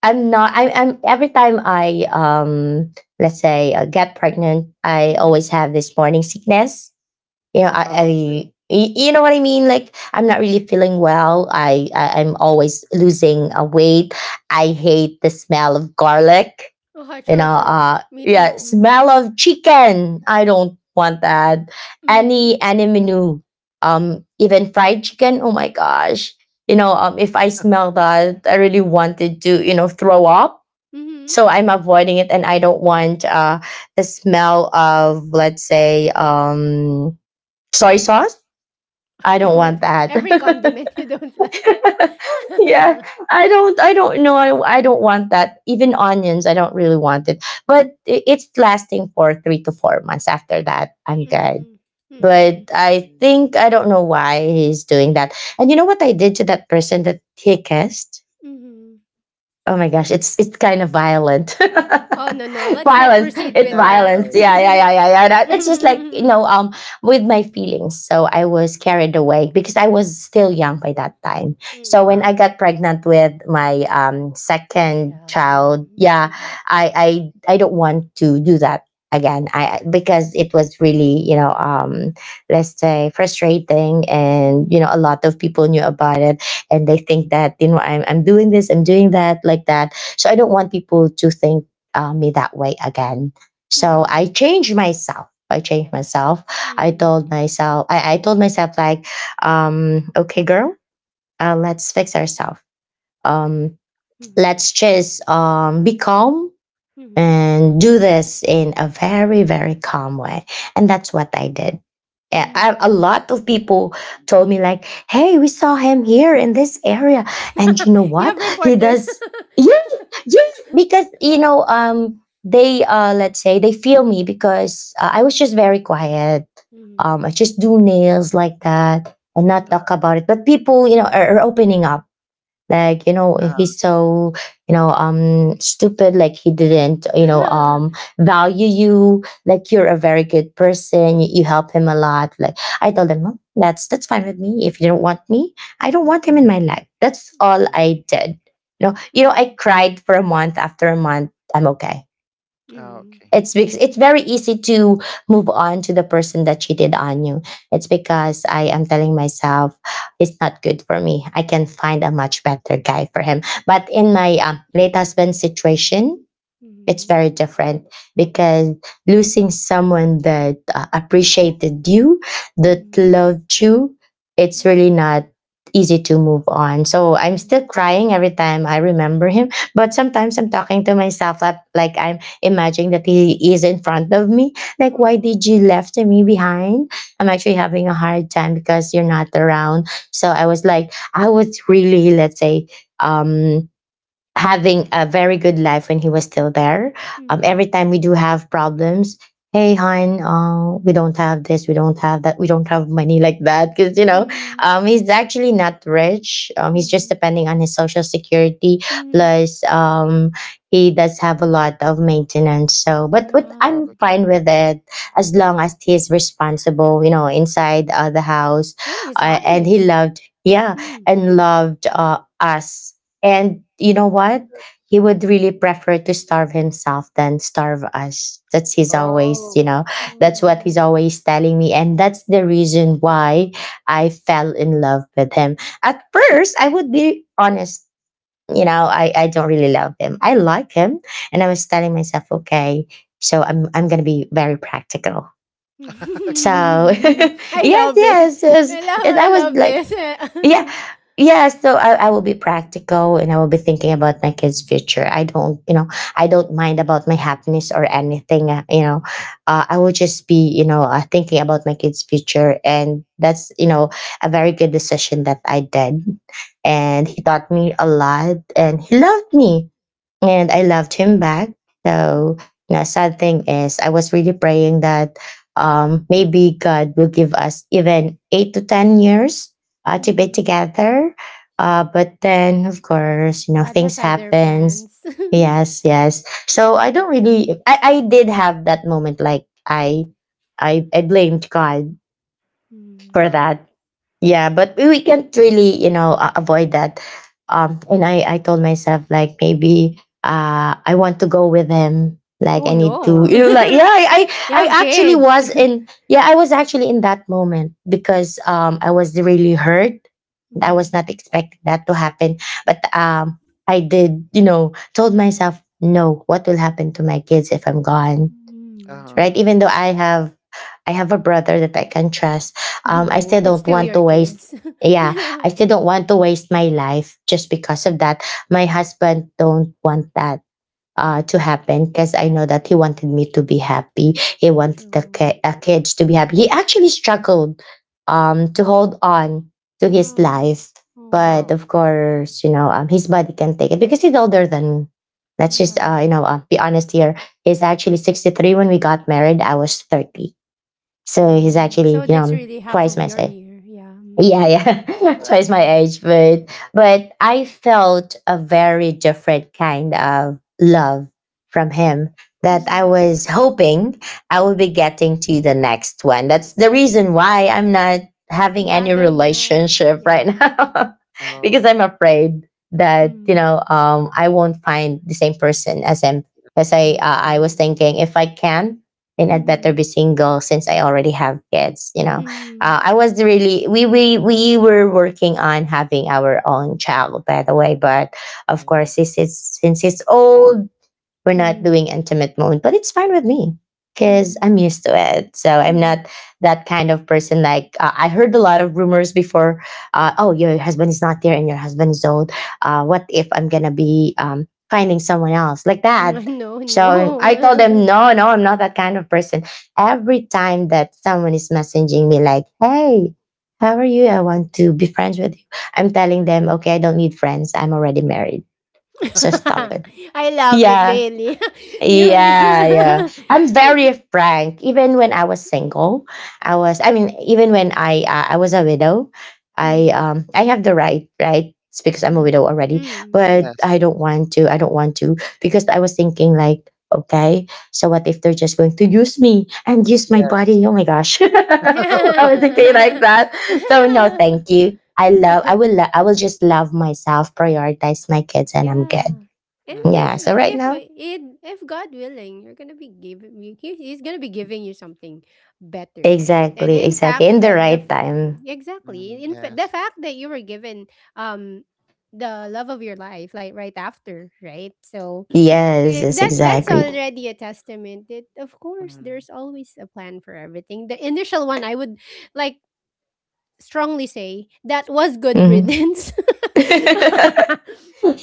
I'm not, I'm every time I let's say get pregnant, I always Mhm. have this morning sickness. You know, oh, okay. You know what I mean, like I'm not really feeling well. I'm always losing weight. I hate the smell of garlic, Oh, true, true. Me too. yeah, Whoa. Mhm. smell of chicken I don't want that. Mhm. Any menu, even fried chicken, oh my gosh. If I smell <laughs> that, I really wanted to, throw up. Mm-hmm. So I'm Mhm. avoiding it, and I don't want the smell of, let's say, soy sauce. I <laughs> don't Oh. want Everything, that. every <laughs> condiment you don't like. <laughs> Yeah, <laughs> I don't know. I don't want that. Even onions I don't really want it, but it's lasting for 3 to 4 months. After that I'm good. Mm, But mm, I Mm. think, I don't know why he's doing that. And you know what I did to that person that he kissed? mhm. Oh my gosh, it's kind of violent. <laughs> Oh, no, no. Let's not Violence. proceed No, It's with no, no, that. violence. no. It's, Yeah, yeah, yeah, yeah, yeah. It's just like, <laughs> with my feelings. So I was carried away because I was still young by that time. So when I Mm, um, got pregnant with my First second child. child, Mm, yeah, mhm, I I I don't want to do that again. Because it was really, you know, let's say frustrating, and mhm. A lot of people knew about it, and they think that I'm, doing this, I'm doing that, like that. So I don't want people to think me that way again. So uh, I changed myself. I changed myself. I Mm, told myself. I told myself like, okay, girl, let's fix ourselves. Um, mhm, mhm, let's just, be calm mhm, and do this in a very, very calm way. And that's what I did. A mhm. lot of people told mm me, like, hey, we saw him here in this area, and you know <laughs> You what have he reporters. does. <laughs> Yeah, yeah, because, they, let's say they feel me, because I was just very quiet. Mm, I just do nails like that and not mhm. talk about it, but people, you know, are opening up, like, you know, uh, he's so, stupid, like he didn't, <laughs> mm. Value you. Like, you're a very good person. You help him a lot. Like, I told him, "Mom, that's fine with me. If you don't want me, I don't want him in my life." That's all mm I did. I cried for a month. After a month, I'm okay. Oh, Mm. okay. It's because it's very easy to move on to the person that cheated on you. It's because I am telling myself it's not good for me. I can find a much better guy for him. But in my late husband situation, it's Mm. very different, because losing someone that appreciated you, that Mm. loved you, it's really Mm. not easy to move on. So I'm still Mm. crying every time I remember him. But sometimes I'm talking to myself like, I'm imagining that he is in front of me. Like, why Aw. did you left me behind? I'm actually having a hard time because you're not around. So I was like, I was really, let's say, um having a very good life when he was still there. Mm. Every Oh, time we do have problems, hey, hon, we don't have this, we don't have that, we don't have money like that. Because, you know, Mm. He's actually not rich. He's just Mm. depending on his social security. Mm. Plus, he does have a lot of maintenance. So, but Yeah. oh, I'm mm. okay. fine with it as long as he's responsible, you know, inside the house. And he's And he honest. loved, yeah, Mm. and mm. loved us. And you know what? He would really prefer to starve himself than starve us. That's his always, Oh, that's what he's Oh. always telling me. And that's the reason why I fell in love with him. At first, I would be honest, you know, I don't really love him. I like him. And I was telling myself, okay, so I'm going to be very practical. <laughs> <laughs> So, okay. <laughs> I yes, love yes, it. yes. I love, And I I was love like, this. yeah, <laughs> yeah, so I will be practical, and I will be thinking about my kids future. I don't mind about my happiness or anything, I will just be, thinking about my kids future. And that's, a very good decision that I did. And Mm, he taught me a lot, and he loved me, and I loved him back. So, you know, sad thing is, I was really praying that, maybe God will give us even 8 to 10 years to be Mm. together. But then, of course, you know, God has things other happens. plans. <laughs> Yes, yes. So I don't really. I did have that moment, like I blamed God Mm. for uh, that. Yeah, but we can't really, you know, avoid that. Mm, And I told myself like, maybe I want to go with him, like Oh I need to, no. you know, like, yeah, <laughs> You have I actually kids. was <laughs> in, yeah, I was actually in that moment because I was really hurt. I was mm. not expecting that to happen. But I did, you know, told myself no, what will happen to my kids if I'm gone, Mm, uh, right? true. Even though <laughs> I have a brother that I can trust, I No, still that's don't still want to your waste. kids. <laughs> Yeah, I still don't want to waste my life just because of that. My husband don't want that to Mm, happen, because I know that he wanted me to be happy. He wanted the true. Kids to be happy. He actually struggled to hold on to his Yeah. life. But oh, Oh. of course, you know, his body can take it because he's older than me. Let's just, Yeah. You know, be honest here. He's actually 63 when we got married. I was 30. So mm, he's Oh. actually, So you that's know, really half twice of my your size. year. Yeah. Mm. Yeah, yeah, <laughs> right. twice my Mm. age, but I felt a very different kind of love from Mm, him that it's like, I Mm. was hoping I would be getting to the next one. That's the reason why I'm not having Yeah, I any don't relationship right <laughs> Yeah. now, because oh, I'm afraid that, you Mm, know, I won't find the same person as him. As I I was see. thinking, if I can, then I'd better Mm-hmm. be single since I already have kids. You know, Mm, I was really, we were working on having our own child, by the way. But of mm-hmm, course, since it's old, we're not mm, doing intimate mode, but it's fine with me mm-hmm. because mm, I'm used to it. So I'm mm. not that kind of person. Like, I heard a lot of rumors before. Oh, your husband is not there, and your husband is old. What if I'm gonna be finding someone else like <laughs> that? No, So I told them, no. no, no, I'm not that kind of person. Every time that someone is messaging me, like, hey, how are you? I want to be friends with you. I'm telling them, okay, I don't need friends. I'm already married. So stop it. <laughs> I love it, Yeah. Bailey. <laughs> you, Yeah, yeah. you. I'm very frank. Even when I was single, I mean, even when I was a widow, <laughs> mm, I have the right, right? It's because I'm a mm, widow already, but mm, Yes. I don't want to. I don't want to, because I was thinking like, okay, so what if they're just going to use me and use my Yes. body? Oh my gosh. <laughs> I was thinking like yeah. that. So no, thank you. I love I <laughs> will lo- I will just love myself, prioritize my kids, and I'm good. Yeah. And Mm-hmm. if Yeah, Yeah. so right if now. it if God willing, you're gonna be giving you he's gonna be giving you something better, right? And Exactly, in exactly. fact, In the right time. Mm, exactly the yes. fact that you were given um the love of your life like right after, right? So Yes, eh, yes, that's exactly. already a testament that of course Mm, there's always a plan for everything. The initial one I would like strongly say that was good Hmm. riddance. <laughs> No. <laughs>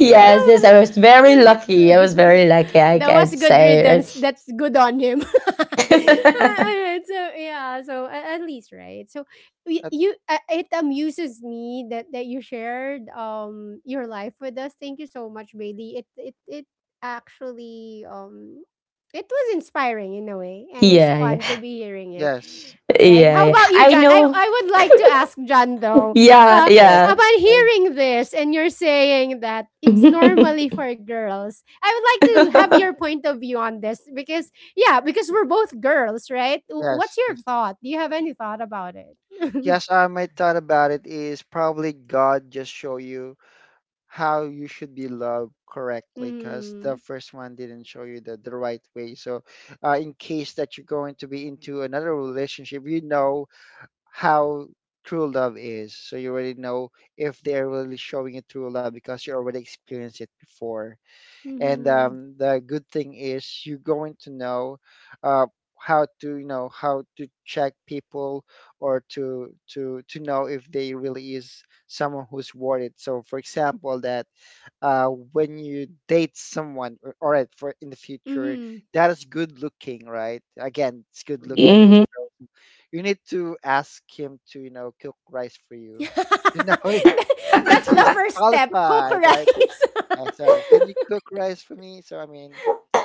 yeah. yes, I was very lucky. I <laughs> was very lucky, I That was can good say. riddance. Right? That's good on him. <laughs> Alright, <laughs> so yeah, so at least right. So Uh, you, it amuses me that you shared your life with us. Thank you so much, Bailey. It actually it was inspiring in a way, and it's Yeah, yeah, fun to be hearing it. yes. Right. yeah, How yeah. about you, I John? I, know. I would like to ask John though. Yeah, Uh, Yes. yeah. upon My, hearing this and you're saying that it's normally <laughs> for girls, I would like to have your point of view on this because yeah, because we're both girls, right? What's yes. your Yes. thought? Do you have any thought about it? <laughs> Yes. My thought about it is probably God just show you how you should be loved correctly, because Mm-hmm. the first one didn't show you the right way. So, in case that you're going to be into another relationship, you know how true love is. So you already know if they're really showing you true love because you already experienced it before. And Mm-hmm. The good thing is you're going to know uh, how to, you know, how to check people or to to know if they really is someone who's worth it. So, for example, that when you date someone, or, all right, for in the future, Mm-hmm. that is good looking, right? Again, it's good looking. I mean, Hmm. you need to ask him to, you know, cook rice for you to <laughs> know <laughs> if That's the he's first step. Cook qualified, right? rice. Yeah, so can you cook rice for me? So I mean,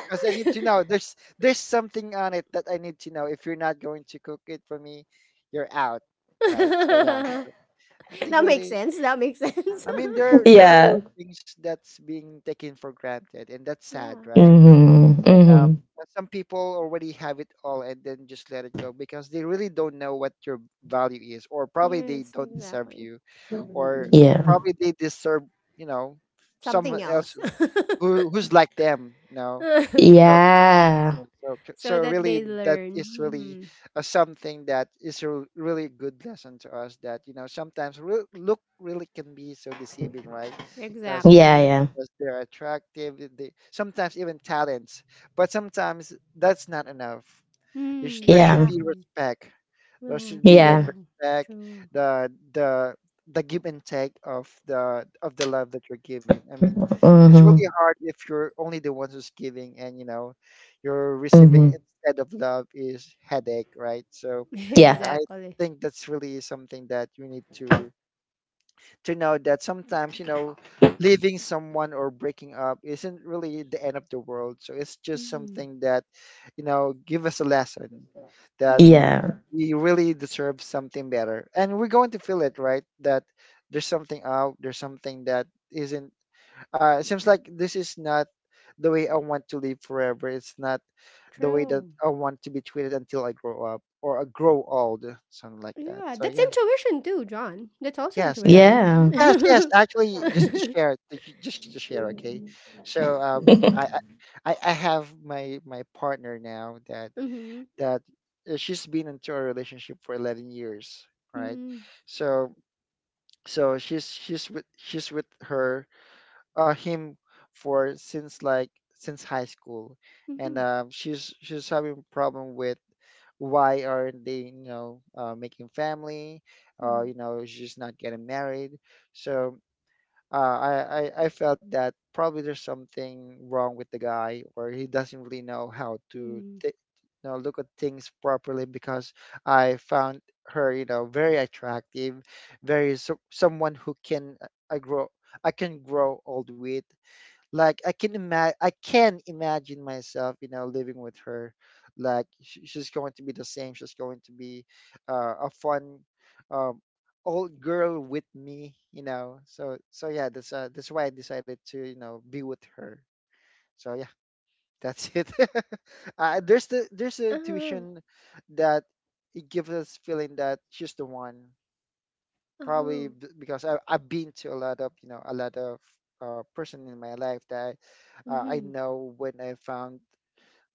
because I need to know. There's something on it that I need to know. If you're not going to cook it for me, you're out, <laughs> right? So yeah, That so I think makes really, sense. That makes sense. I mean, there are Yeah. real things that's being taken for granted, and that's <laughs> sad, yeah. right? Hmm. And Hmm. But some people already have it all and then just let it go because they really don't know what your value is, or probably they Yes, don't deserve exactly. you, or Mm. Yeah. probably they deserve, you know, someone Something else else. <laughs> who who's like them, you know. so, you Yeah. know, so, so So that really they that learn. is really Mhm. Something that is a really good lesson to us, that you know sometimes look really can be so deceiving, right? Because Yeah, Exactly. yeah. they're attractive, they sometimes even talents, but sometimes that's not enough. Mm, There should Yeah. be exactly. respect, there Uh, should be that Yeah. true. respect, True. the the give and take of the love that you're giving. I mean, it's really Hmm. hard if you're only the one who's giving, and you know you're Hmm. receiving instead of love is headache, right? So <laughs> Yeah. I exactly. think that's really something that you need to know, that sometimes, you know, leaving someone or breaking up isn't really the end of the world. So it's just Mm-hmm. something that, you know, give us a lesson that Yeah. Mm-hmm. we really deserve something better, and we're going to feel it, right? That there's something that isn't, it seems like, this is not the way I want to live forever. It's not the way that True. I want to be treated until I grow up or I grow old, something like that. Yeah, So that's yeah, intuition too, John. That's also yes, yes. intuition. <laughs> Yeah. Yes, yes, mm-hmm. actually, just to share it, just to share, okay. So i i <laughs> I I have my partner now, that Mm-hmm. that, she's been into a relationship for 11 years, right? Mm-hmm. So so she's she's with her, him, for, since like, since high school, and she's having problem with, why aren't they, you know, making family, Mm-hmm. you know, she's not getting married, so I, I felt that probably there's something wrong with the guy, or he doesn't really know how Mm-hmm. You know, look at things properly, because I found her, you know, very attractive, very someone who can, I grow I can grow old with. Like I can imagine myself, you know, living with her. Like she's going to be the same. She's going to be, a fun, um, old girl with me, you know. So so yeah, that's why I decided to, you know, be with her. So yeah, that's it. <laughs> There's the Uh-huh. intuition, that it gives us feeling that she's the one, probably Uh-huh. Because I, I've been to a lot of, you know, a lot of, person in my life, that I Mm-hmm. know when I found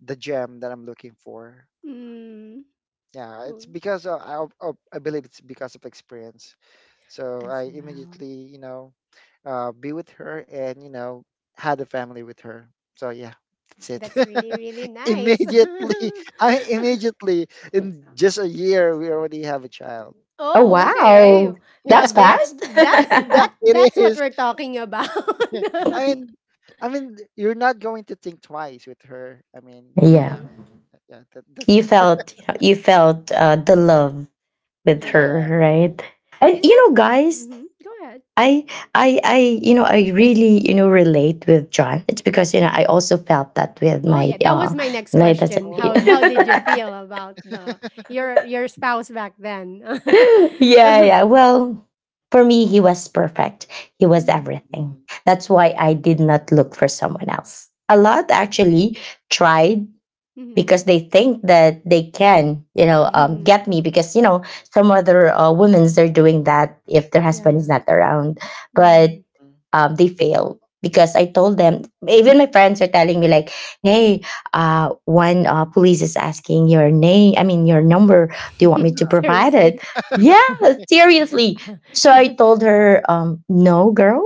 the gem that I'm looking for. Mm. Yeah, it's because of, I believe it's because of experience. So As I well. immediately, you know, be with her and, you know, had a family with her. So yeah, that's That's it. really, really <laughs> nice. Immediately, <laughs> I immediately, in just a year we already have a child. Oh Oh, okay. wow, Now that's <laughs> there fast. <laughs> that's Yeah, that it that's what is. we're talking about. <laughs> I mean, I mean, you're not going to think twice with her. I mean, <laughs> Yeah. yeah, mm, yeah, that, that's it. <laughs> You felt the love with her, Yeah. exactly. right? And, Is you that know, guys, hmm go ahead. I I really, you know, relate with John. It's because, you know, Mhm. I also felt that with Oh yeah, that was my next my, that's, question. How Oh. did you feel about the your spouse back then? <laughs> <laughs> yeah, mm, yeah. Well, for me he was perfect. He was mhm, everything. Mm, That's why I did not look for someone else. A lot mm, actually tried because they think that they can, mhm. get mm, me because some other women's they're doing that if their husband is Yeah. not around, but Mm. mm, they fail because I told them. Even my friends are telling me like, "Hey, one police is asking your name. I mean, your number. Do you want me <laughs> to provide Seriously. it?" Yeah, mm, <laughs> seriously. So I told her, "No, girl."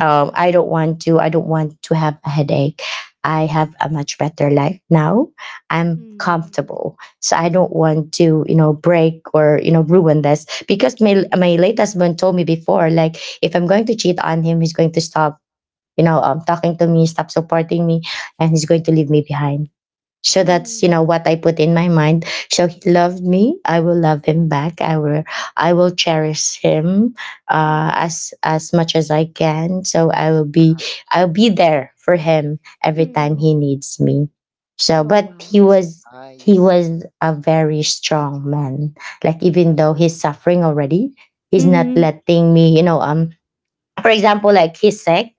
I don't want to. I don't want to have a headache. I have a much better life now. I'm mm, comfortable, so I don't want to, break or ruin this because my mm. my late husband told me before, like if I'm going to cheat on him, he's going to stop, talking to me, stop supporting me, and he's going to leave me behind so mm. that's Mm, you know what I put in my mind. So he loved me. I will love him back. I will cherish him mm, as much as I can. So I'll be there for him every time mm. he needs me. So Oh, but wow. It's <laughs> he nice. was a very strong man. Like even though he's suffering already, he's not Mhm. letting me for example, like he's sick,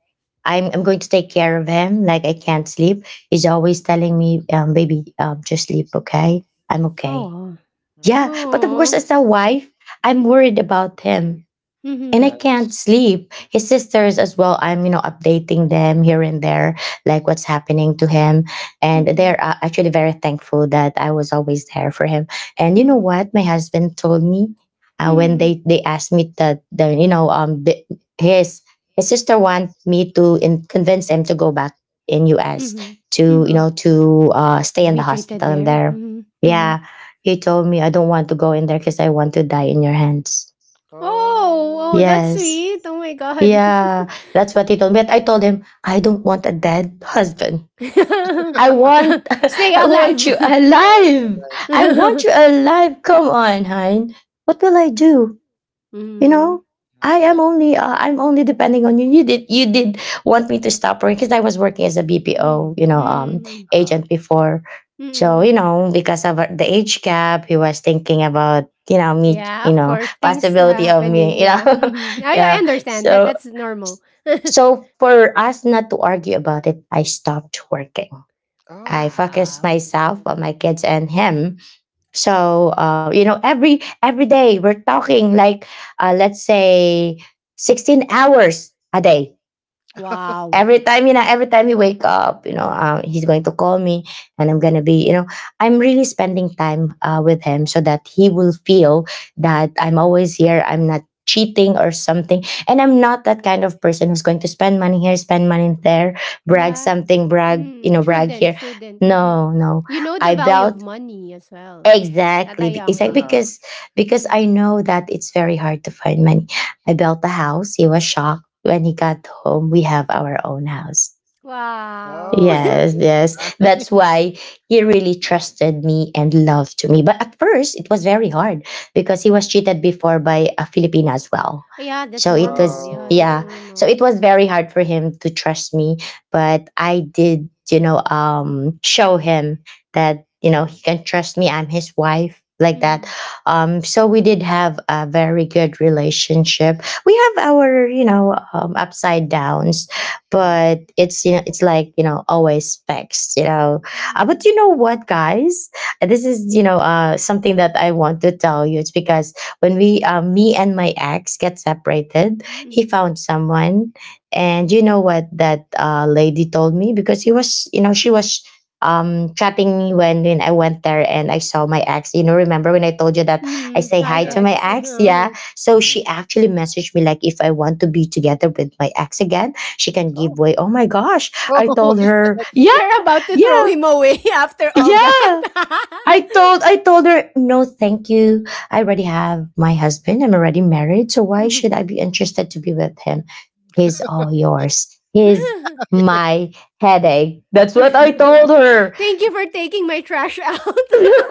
I'm going to take care of him. Like I can't sleep. He's always telling me, baby, just sleep, okay? I'm okay. Oh. Mm. Yeah, but of course, Oh. as a wife, I'm worried about him and I Mhm, can't Yes. sleep. His sisters as well, I'm, updating them here and there, like what's happening to him. And mhm. they're actually very thankful that I was always there for him. And you know Mm. what? My husband told me when Mhm. They asked me that, the, you know, the, his, his sister want me to convince him to go back in US Mhm, to, mhm. Stay in the Be treated hospital in there? there. Mhm, Yeah. mhm. Yeah. He told me, I don't want to go in there because I want to die in your hands. Oh! Oh, Oh. that's Yes. sweet. Oh my God. Yeah, that's what he told Mm. me. But I told him, I don't want a dead husband. <laughs> I want Stay <laughs> I want you alive. Yes. alive. Alright. I want you <laughs> Mm. alive. Come on, Hein. What will I do? You Mhm, know? Yeah. I'm only depending on you. You did want me to stop working because I was working as a mm, BPO, mm, mm. Uh-huh. agent before. So, you mm. know, because of the age gap, he was thinking about, me, Yeah, of course, things possibility of happening. me, you know. Yeah, <laughs> mhm. <laughs> I Yeah. Yes. understand that. So That's normal. <laughs> so for us not to argue about it, I stopped working. I Oh. focused wow. myself on my kids and him. So you know, every day we're talking like let's say 16 hours a day, <laughs> Wow. every time you know every time he wake up you know he's going to call me and I'm gonna be you know I'm really spending time with him so that he will feel that I'm always here, I'm not cheating or something, and I'm not that kind of person who's going to spend money here, spend money there, brag Yeah. something, brag you Mm, know brag shouldn't here. shouldn't. Mhm. No, no, You know the I value of belt money as well at exactly, a it's young like Uh-huh. age. Because I know that it's very hard to find money. I built a house. He was shocked when he got home, we have our own house. Wow. <laughs> Oh. Yes, That's yes. That's nice. <laughs> why he really trusted me and loved to me. But at first, it was very hard because he was cheated before by a Filipina as well. Yeah, that's So it normal. was, Yeah, that's yeah. Oh. So normal. it was very hard for him to trust me. But I did, show him that, you know, he can trust me. I'm his wife like that. Mhm. So we did have a very good relationship. We have our, upside downs, Mm. but it's you But know it's it's like you know you know, always it's fixed you know. like you know But always you mixed. know You what guys, this is you know something that I want to tell you. It's because when we me and my ex get separated, know, he mm. found someone. And you know what that lady told me? Because he was you know she was chatting me when I went there and I saw my ex, you know, remember when I told you that But you I know what, say guys? hi to Yes. my This is you know something that I want to tell you. It's because when ex? Yeah, we me and my ex get separated, mm, we found someone who mm. Hi, ex. Uh-huh. Yeah, so Mm. she actually messaged me like if I want to be together with my ex again, she can she can Oh. give way. Oh my gosh. <laughs> I Oh, told her, give way. Oh my gosh! When <laughs> yeah, you're about to throw yeah, him away <laughs> after <laughs> wait. all yeah. that. <laughs> I told her, no, thank you. I already have my husband. I'm already married. So why Mm. should I be interested to be with him? He's all yours. He's <laughs> my headache. <laughs> That's what I Thank told her. you for taking my trash out.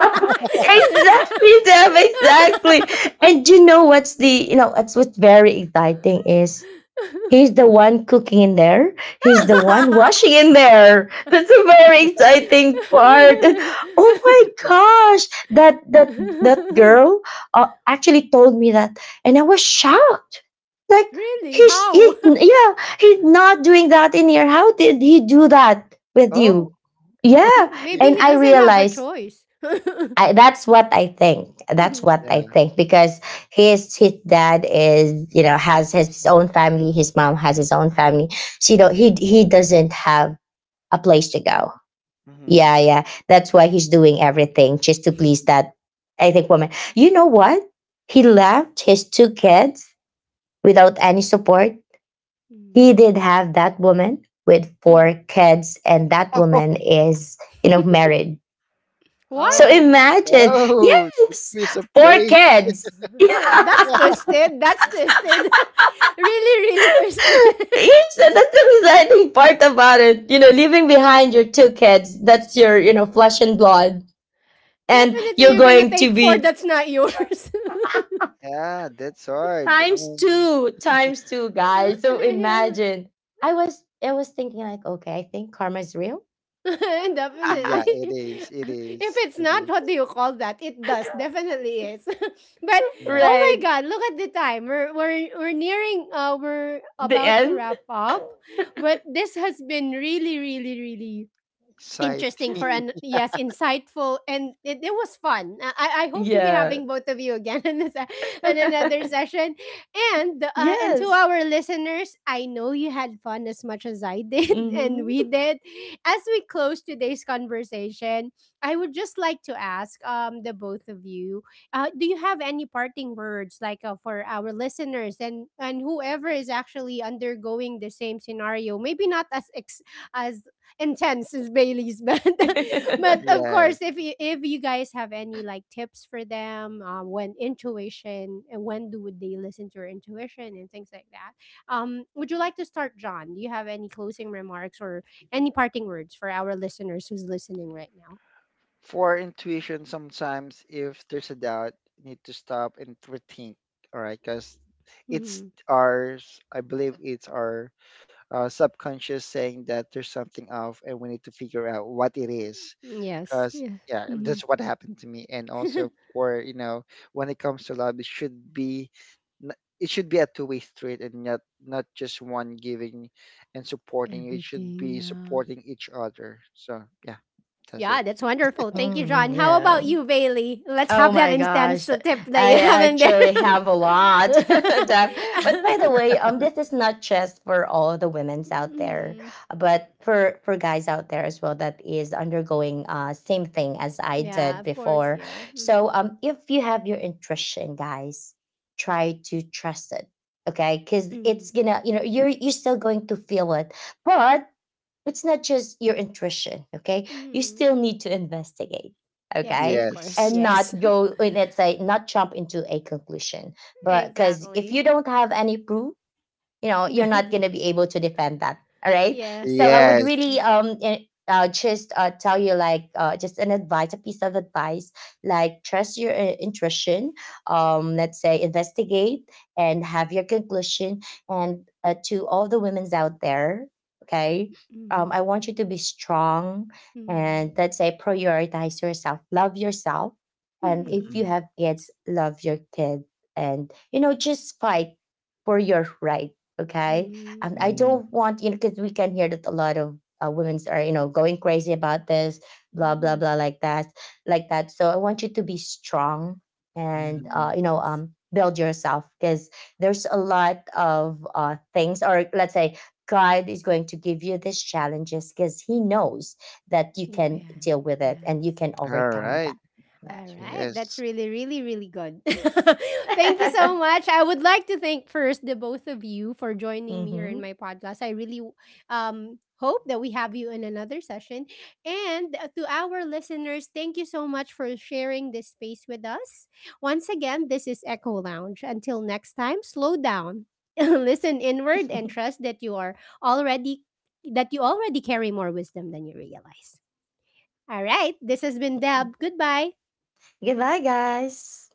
<laughs> Exactly, Sam, exactly. And you know what's the you know that's what's very exciting is he's the one cooking in there. He's the one washing in there. <laughs> That's a very exciting part. And, oh my gosh, that girl actually told me that, and I was shocked. Like Really? How? yeah, he's not doing that in here. How did he do that with Oh, you? Yeah, yeah, Maybe and he I doesn't have a realized choice. That's what I think. That's what I think because his dad is you know has his own family. His mom has his own family. She don't he doesn't have a place to someone. go. Hmm. Yeah, yeah. That's why he's doing everything just to please that, I think, woman. You know what? He left his two kids without any support. He did <laughs> have that woman with four kids, and that woman Oh. is you know married, What? so Oh, imagine, no, that yes, piece of four bait. kids. <laughs> <laughs> That's Yeah. <laughs> twisted. That's twisted. <laughs> Really, really twisted. <laughs> Yes, and that's the exciting part about it. You know, leaving behind your two kids, that's your, flesh and blood. And Definitely you're you're gonna going to take four be that's not yours. <laughs> Yeah, that's hard. I mean, times two, Uh, guys. So yeah. imagine. I was thinking like, okay, I think karma is real. <laughs> yeah, Definitely. <laughs> it is. <laughs> It If is. it's It not, is. what do you call that? It does. Definitely is. <laughs> But Yeah. oh my Right. god, look at the time. We're nearing we're The about to end. wrap up. But this has been really, really, really Sight, interesting for an <gasps> yes insightful and it was fun I hope to be Yeah. having both of you again <laughs> in this in another <laughs> session and to Yes. our listeners I know you had fun as much as I did <laughs> and we Hmm. did as we close today's conversation I would just like to ask the both of you do you have any parting words like for our listeners and whoever is actually undergoing the same scenario maybe not as as intense is Bailey's band. <laughs> But of <laughs> yes. course, if you guys have any like tips for them, when intuition and when do would they listen to your intuition and things like that, would you like to start, John? Do you have any closing remarks or any parting words for our listeners who's listening right now? For intuition, sometimes if there's a doubt, you need to stop and rethink. All right, because it's Hmm ours. I believe it's our, subconscious saying that there's something off and we need to figure out what it is, Yes. because Yeah. yeah, hmm that's what happened to me. And also, <laughs> for you know, when it comes to love, it should be, n- it should be a two-way street, and not not just one giving and supporting. It should Everything. be Yeah. supporting each other. So yeah, that's Yeah, it. that's wonderful. Thank you, John. Mm, How about yeah. you, Bailey? Let's Oh have that my instance gosh, tip that you <laughs> I have in there. actually have a lot. <laughs> Deb. But by the <laughs> way, this is not just for all the women's out there, Mm, but for guys out there as well that is undergoing same thing as I yeah, did of course. before. Yeah. So hmm if you have your intuition, guys, try to trust it. Okay, because it's Mm, gonna, you know, you're still going to feel it, but it's not just your intuition. Okay, you mm. still need to investigate, Yes, okay, of course. Yes, and Yes. not go, let's say, not jump into a conclusion, <laughs> but because if you exactly. don't have any proof, you know, you're not going to <laughs> be able to defend that. All right, so Yes, I would yes. yes. really eh, just tell you like just an advice a piece of advice. Like trust your intuition, let's say investigate, and have your conclusion. And to all the women's out there, okay, I Mm, want you to be strong and mm, let's say prioritize yourself, love yourself, and if you mm, Mhm. have kids, love your kid, and you know just fight for your right, okay. mm, I mm, Mhm. don't want you know because we can hear that a lot of women are you know going crazy about this, blah blah mm. blah, like that. So I want you to be strong and Mhm. you know Yes, build yourself because there's a lot of things, or let's say God is going to give you these challenges because he knows that you you can deal can. with it and you Yes. can All overcome that. right. All right, that's Yes. really, really, really good. <laughs> Thank you so <laughs> much. I would like to thank first the both of you for joining me here Mm-hmm. in my podcast. I really hope that we have you in another session. And to our listeners, thank you so much for sharing this space with us. Once again, this is Echo Lounge. Until next time, slow down, <laughs> listen inward, and trust that you are already that you already carry more wisdom than you realize. All right, this has been Deb. Goodbye. <laughs> Goodbye guys.